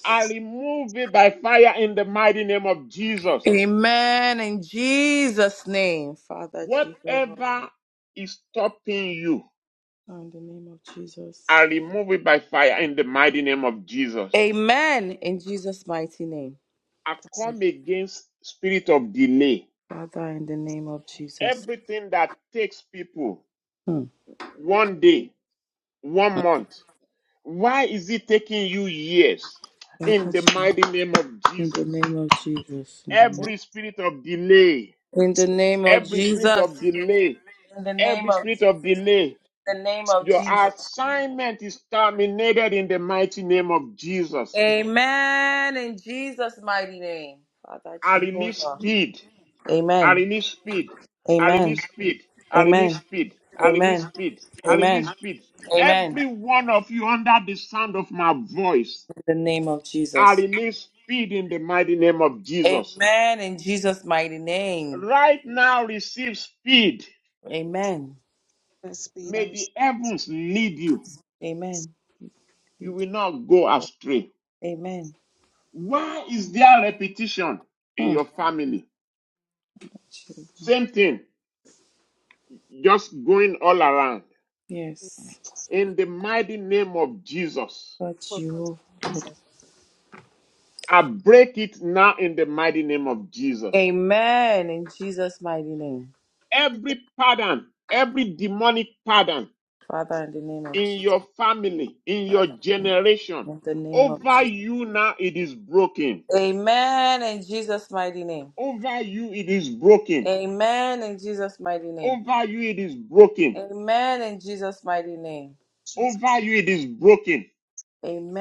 I remove it by fire in the mighty name of Jesus. Amen. In Jesus' name, Father Jehovah, Whatever Lord, is stopping you, in the name of Jesus. I remove it by fire in the mighty name of Jesus. Amen. In Jesus' mighty name, I come against spirit of delay. Father, in the name of Jesus. Everything that takes people Hmm. one day, one month. Why is it taking you years? In Father, the mighty name of in the Jesus, name of Jesus. In the name. So every spirit of delay, In the spirit name of every spirit Jesus. of delay, In the name every of spirit of Jesus. delay, In the name of your Jesus. assignment is terminated in the mighty name of Jesus. Amen. In Jesus' mighty name, Father I release Jehovah. speed. I Amen. release speed. I Amen. release speed. I release Amen. speed. I release Amen. speed. I release Amen. speed. Amen. Every one of you under the sound of my voice, the name of I Jesus. release speed in the mighty name of Jesus. Amen. In Jesus' mighty name. Right now, receive speed. Amen. and speed, I May the receive heavens lead you. Amen. You will not go astray. Amen. Why is there repetition in Hmm. your family? Same thing, just going all around. you. Yes. In the mighty name of Jesus, God, Well, you. so I break it now in the mighty name of Jesus. Amen. In Jesus' mighty name. Every everything pattern, I'm every demonic free pattern to Father, have, in the name of in Jesus. your family, in your generation, In the name of over Jesus. you now it is broken. Amen. In Jesus' mighty name. Over you it is broken Amen. In Jesus' mighty name. Over you it is broken. Amen. In Jesus' mighty name. Jesus. Over you it is broken.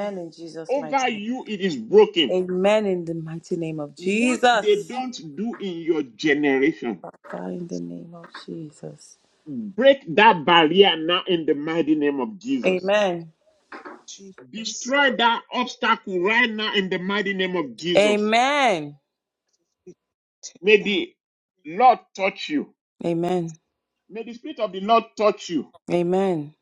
You know, In Jesus' mighty Over name. you it is broken. Amen. In the mighty name of What they Jesus. don't do in your generation, Father, in the name of Jesus. break that barrier now in the mighty name of Jesus. Amen. Jesus, Destroy that obstacle right now in the mighty name of Jesus. Amen. we tear May down the Lord touch you. Amen. May the Spirit of the Lord touch you Amen.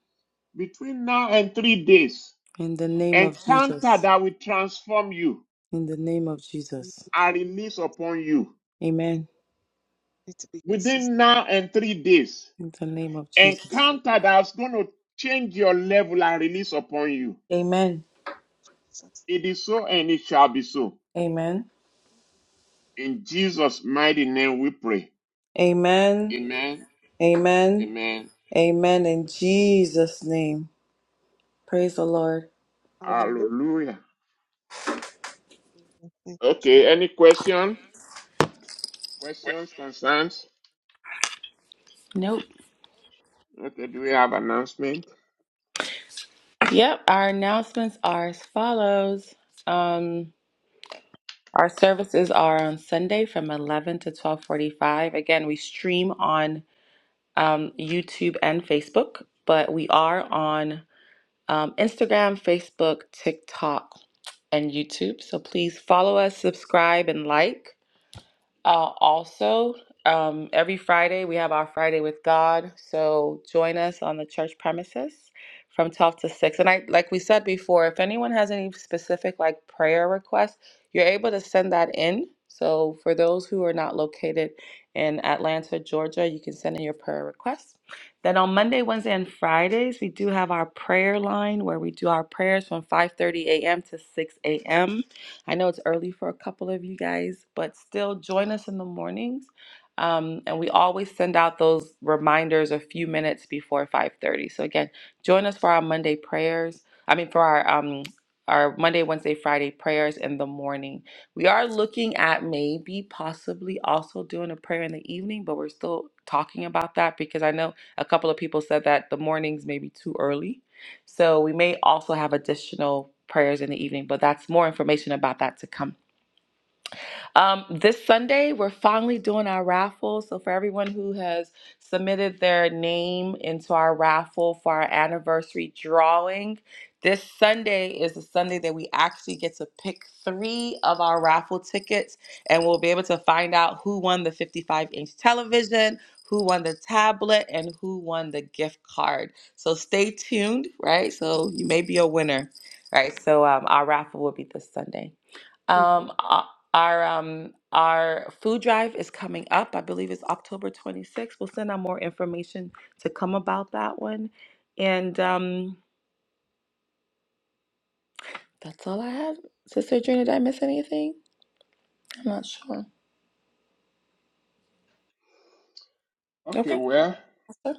between now and three days. In the name of Encounter Jesus. that will transform you In the name of Jesus. are we released upon you Amen. need to be consistent. within now and three days. In the name of Jesus. encounter that's going to change your level and release upon you. Amen. Jesus. It is so and it shall be so. Amen. In Jesus' mighty name we pray. Amen. Amen. Amen. Amen. Amen. In Jesus' name. Praise the Lord. Hallelujah. Hallelujah. Thank you, Jesus. Okay, any question? Questions, concerns? Nope. Okay, do we have announcement? Yep. Our announcements are as follows. Um, our services are on Sunday from 11 to 12:45. Again, we stream on um, YouTube and Facebook, but we are on um, Instagram, Facebook, TikTok, and YouTube. So please follow us, subscribe, and like. Uh, also, um, every Friday we have our Friday with God. So join us on the church premises from 12 to 6. And I, like we said before, if anyone has any specific like prayer requests, you're able to send that in. So for those who are not located in Atlanta, Georgia, you can send in your prayer requests. Then on Monday, Wednesday, and Fridays, we do have our prayer line where we do our prayers from 5:30 a.m. to 6 a.m. I know it's early for a couple of you guys, but still join us in the mornings. Um, and we always send out those reminders a few minutes before 5:30. So again, join us for our Monday prayers. I mean, for our um, our Monday, Wednesday, Friday prayers in the morning. We are looking at maybe possibly also doing a prayer in the evening, but we're still talking about that because I know a couple of people said that the mornings may be too early. So we may also have additional prayers in the evening, but that's more information about that to come. Um, this Sunday, we're finally doing our raffle. So, for everyone who has submitted their name into our raffle for our anniversary drawing, this Sunday is the Sunday that we actually get to pick three of our raffle tickets, and we'll be able to find out who won the 55 inch television, who won the tablet, and who won the gift card. So, stay tuned, right? So, you may be a winner, right? So, um, our raffle will be this Sunday. Mhm. Um, uh, our um our food drive is coming up. I believe it's October 26th. We'll send out more information to come about that one. And um, that's all I have. Sister Adrena, did I miss anything? I'm not sure. Okay, Okay. well, So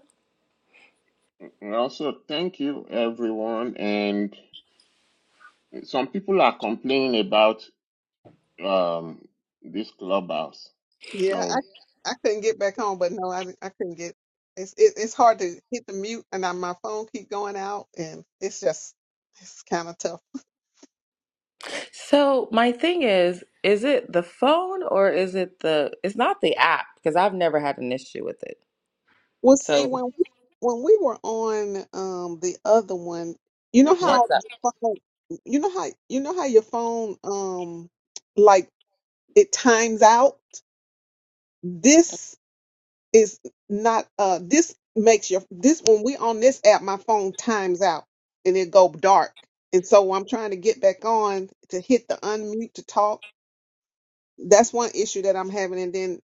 we also thank you everyone. And some people are complaining about um this clubhouse. Yeah, So I I couldn't get back home, but no, I I couldn't get. It's it, it's hard to hit the mute, and I, my phone keep going out, and it's just it's kind of tough. so my thing is, is it the phone or is it the? It's not the app because I've never had an issue with it. Well, see, So when we, when we were on um the other one, you know what's how up? what's up? your phone- you know how you know how your phone um like it times out. This is not uh this makes your this when we on this app, my phone times out and it go dark. And so I'm trying to get back on to hit the unmute to talk. That's one issue that I'm having. And then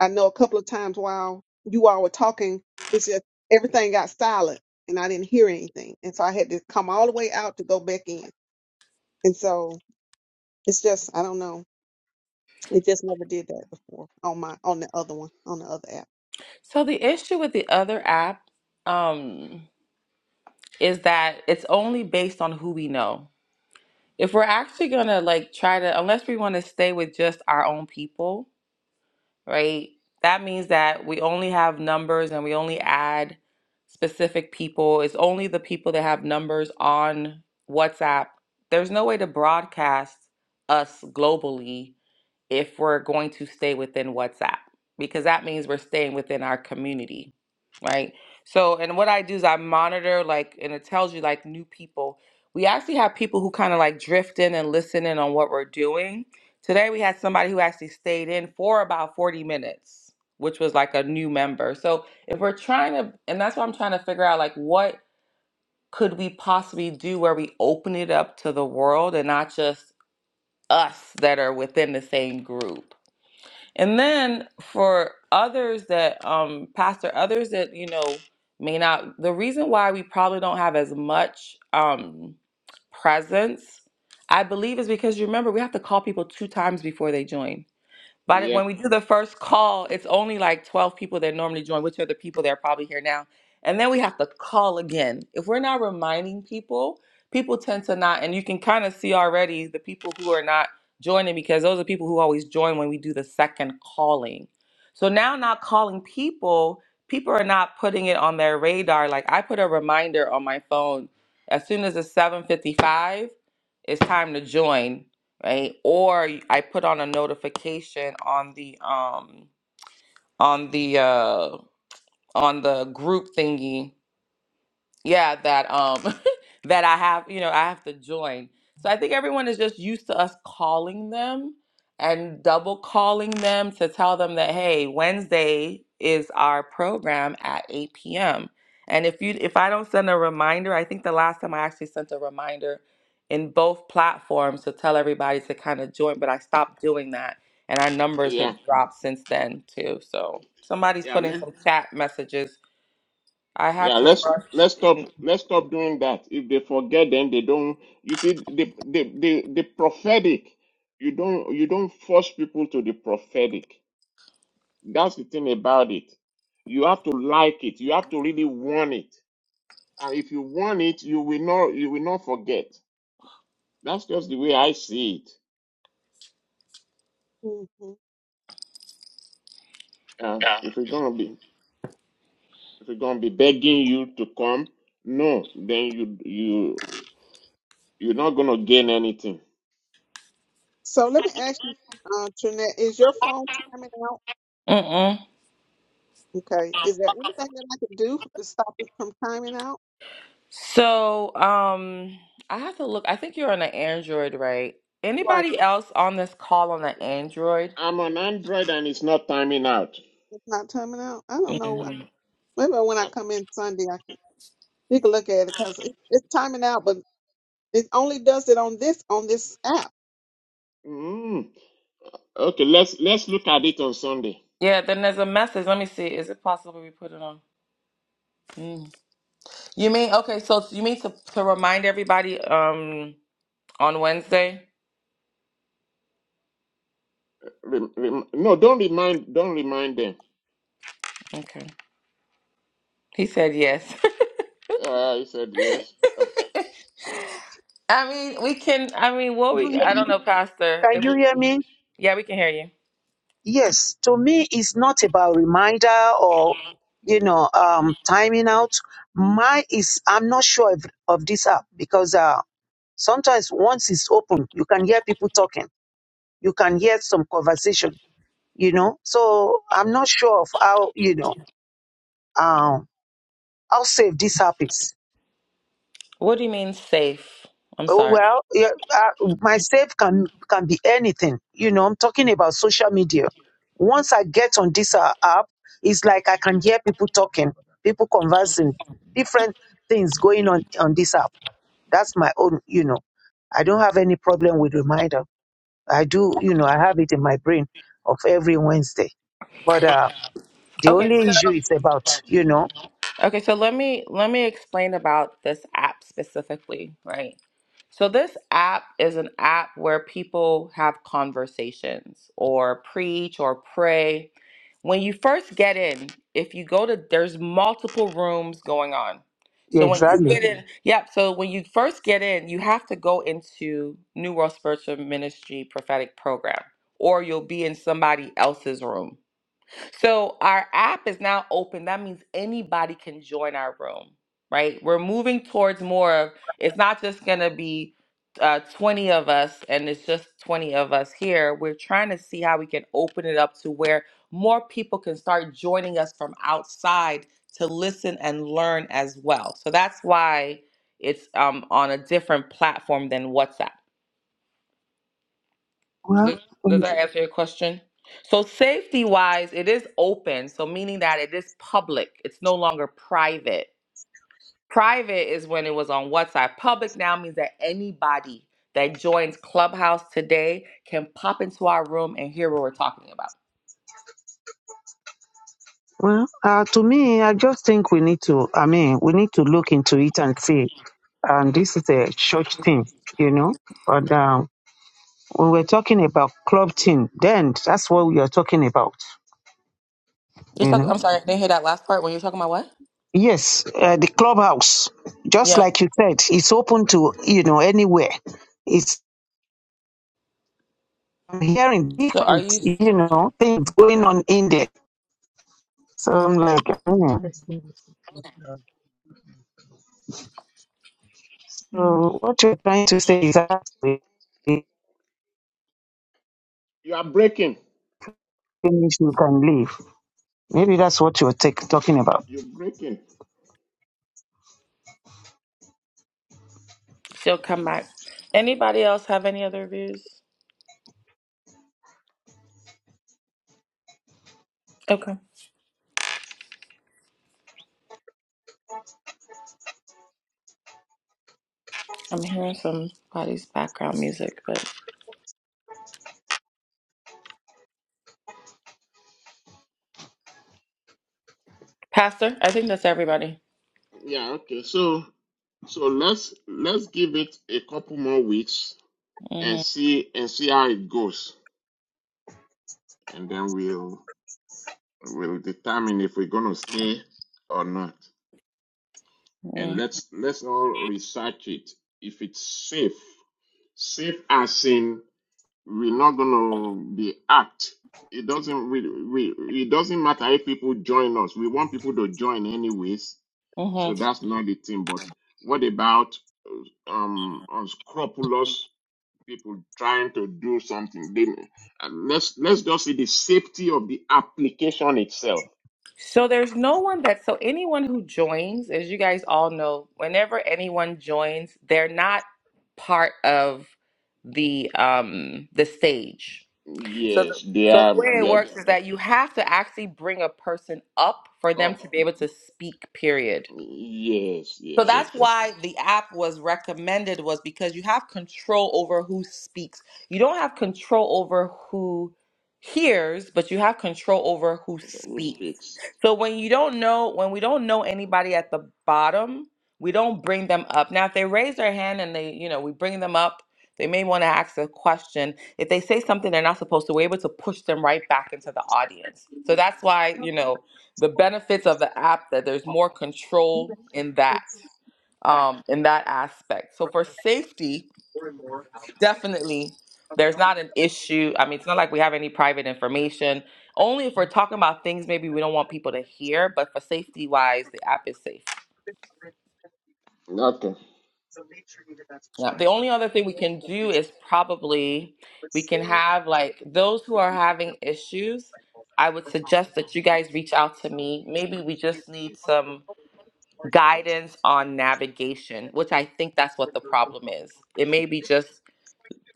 I know a couple of times while you all were talking, it's just everything got silent and I didn't hear anything. And so I had to come all the way out to go back in. And so it's just, I don't know. It just never did that before on my, on the other one, on the other app. So the issue with the other app, um, is that it's only based on who we know. if we're actually gonna like try to unless we want to stay with just our own people right that means that we only have numbers and we only add specific people it's only the people that have numbers on whatsapp there's no way to broadcast us globally if we're going to stay within WhatsApp because that means we're staying within our community, right? So, and what I do is I monitor like, and it tells you like new people. We actually have people who kind of like drift in and listen in on what we're doing. Today we had somebody who actually stayed in for about 40 minutes, which was like a new member. So if we're trying to, and that's what I'm trying to figure out, like what could we possibly do where we open it up to the world and not just us that are within the same group? And then for others that um pastor others that you know may not the reason why we probably don't have as much um presence I believe is because you remember we have to call people two times before they join. But it- Yeah, when we do the first call, it's only like 12 people that normally join, which are the people that are probably here now. And then we have to call again. If we're not reminding people, people tend to not, and you can kind of see already the people who are not joining because those are people who always join when we do the second calling. So now, not calling people, people are not putting it on their radar. Like I put a reminder on my phone as soon as it's 7:55, it's time to join right? Or I put on a notification on the um on the uh on the group thingy yeah that um <laughs> that i have you know i have to join so i think everyone is just used to us calling them and double calling them to tell them that hey wednesday is our program at 8 p.m and if you if i don't send a reminder i think the last time i actually sent a reminder in both platforms to tell everybody to kind of join but i stopped doing that and our numbers have yeah. dropped since then too so somebody's Yeah, putting man. some chat messages i had Yeah, to let's rush let's stop let's stop doing that. If they forget, then they don't. You see, the the the, the prophetic, you don't you don't force people to the prophetic. That's the thing about it. You have to like it. You have to really want it. And if you want it, you will not you will not forget. That's just the way I see it. hmm Uh, if we're gonna be if we're gonna be begging you to come, no, then you you you're not gonna gain anything. So let me ask you, uh, Trinette, is your phone timing out? Mm-mm. Okay. Is there anything that I could do to stop it from timing out? So, um, I have to look. I think you're on an Android, right? Right. Anybody else on this call on an Android? I'm on Android and it's not timing out. It's not timing out. I don't know. Uh, hmm Maybe when I uh, come in Sunday, I can, we can look at it because it, it's timing out, but It only does it on this on this app. mm. Okay, let's let's look at it on Sunday. Yeah, then there's a message. Let me see. Is it possible we put it on? Mm. You mean okay, so you mean to to remind everybody um on Wednesday? Rem, rem, no, don't remind don't remind them. Okay. He said yes. <laughs> Uh, he said yes. Uh, I mean, we can I mean, what Do you we hear I don't me? know, Pastor. Can If you we, hear me? yeah, we can hear you. Yes. To me, it's not about reminder or you know um timing out. My is I'm not sure of, of this app because uh sometimes once it's open, you can hear people talking. You can hear some conversation. You know, so I'm not sure of how you know um how safe this app is. What do you mean safe? I'm Oh, sorry. well, yeah, uh, my save can can be anything. You know, I'm talking about social media. Once I get on this uh, app, it's like I can hear people talking, people conversing, different things going on on this app. That's my own. You know, I don't have any problem with reminder. I do. You know, I have it in my brain of every Wednesday. But uh, the Okay. only issue is about you know Okay, so let me let me explain about this app specifically, right? So this app is an app where people have conversations or preach or pray. When you first get in, if you go to there's multiple rooms going on. yeah, So when you exactly. get in, Mhm. yep, so when you first get in, you have to go into New World Spiritual Ministry prophetic program or you'll be in somebody else's room so our app is now open. That means anybody can join our room, right? We're moving towards more of it's not just going to be uh, 20 of us and it's just 20 of us here. We're trying to see how we can open it up to where more people can start joining us from outside to listen and learn as well. So that's why it's um, on a different platform than WhatsApp. Well, Does, does that answer your question? So safety wise, it is open. So meaning that it is public. It's no longer private. Private is when it was on WhatsApp. Public now means that anybody that joins Clubhouse today can pop into our room and hear what we're talking about. Well, uh, to me, I just think we need to, I mean, we need to look into it and see. And this is a church thing, you know. But um, when we're talking about club thing, then that's what we are talking about, You're you talking, know. I'm sorry, I didn't hear that last part when you're talking about what? Yes, uh, the clubhouse, just Yeah. like you said, it's open to, you know, anywhere. It's I'm hearing So are different, you? you know, things going on in there. So I'm like, hmm. so what you're trying to say is that we you are breaking. finish, we can leave. Maybe that's what you were take, talking about. You're breaking. She'll come back. Anybody else have any other views? Okay. I'm hearing somebody's background music, but Pastor, I think that's everybody. Yeah. Okay. So so let's let's give it a couple more weeks and hmm see and see how it goes, and then we'll we'll determine if we're gonna stay or not. And Mm-hmm. let's let's all research it. If it's safe, safe as in we're not going to be act. It doesn't we, we it doesn't matter if people join us. We want people to join anyways. So Mm-hmm. that's not the thing. But what about um unscrupulous people trying to do something? They, and let's let's just see the safety of the application itself. So there's no one that so anyone who joins, as you guys all know, whenever anyone joins, they're not part of the um the stage. So the, Yes, they so the are way it they works is are that okay. you have to actually bring a person up for them up. to be able to speak. Period. Yes, So yes, that's okay. why the app was recommended was because you have control over who speaks. You don't have control over who hears, but you have control over who Who speaks. speaks? So when you don't know, when we don't know anybody at the bottom, we don't bring them up. Now if they raise their hand and they, you know, we bring them up, they may want to ask a question. If they say something they're not supposed to, we're able to push them right back into the audience. So that's why, you know, the benefits of the app that there's more control in that um, in that aspect. So for safety, definitely, there's not an issue. I mean, it's not like we have any private information. Only if we're talking about things maybe we don't want people to hear. But for safety wise, the app is safe. Okay. Yeah. The only other thing we can do is probably we can have like those who are having issues. I would suggest that you guys reach out to me. Maybe we just need some guidance on navigation, which I think that's what the problem is. It may be just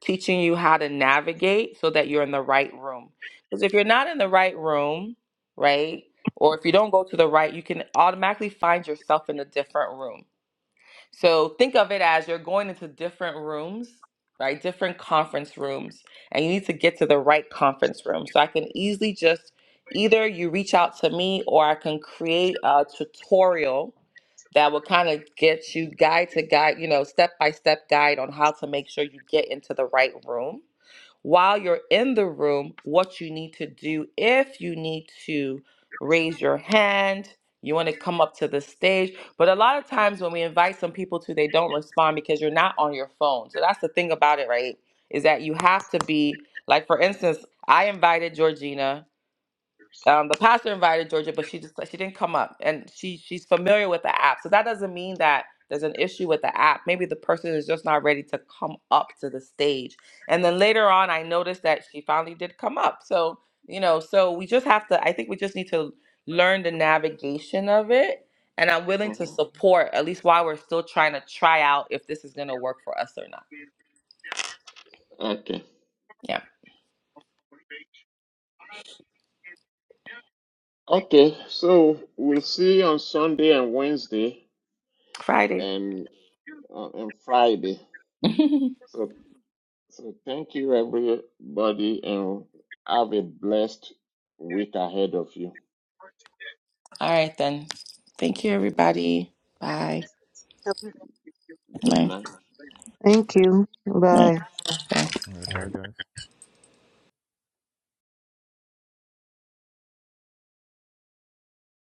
teaching you how to navigate so that you're in the right room. Because if you're not in the right room, right, or if you don't go to the right, you can automatically find yourself in a different room. So think of it as you're going into different rooms, right? Different conference rooms, and you need to get to the right conference room. So I can easily just either you reach out to me or I can create a tutorial that will kind of get you guide to guide, you know, step by step guide on how to make sure you get into the right room. While you're in the room, what you need to do if you need to raise your hand, you want to come up to the stage but a lot of times when we invite some people to, they don't respond because you're not on your phone. So that's the thing about it, right? Is that you have to be like, for instance, I invited Georgina um, the pastor invited Georgia, but she just she didn't come up, and she she's familiar with the app. So that doesn't mean that there's an issue with the app. Maybe the person is just not ready to come up to the stage. And then later on, I noticed that she finally did come up. So you know, so we just have to. I think we just need to learn the navigation of it. And I'm willing to Mhm. support at least while we're still trying to try out if this is going to work for us or not. Okay. Yeah, Okay. So we'll see you on Sunday and Wednesday Friday. and uh, and Friday. <laughs> All So so thank you everybody and have a blessed week ahead of you. right then. Thank you, everybody. Bye. Good Bye. night. Thank you. Bye. Bye. Okay. All right, bye, guys.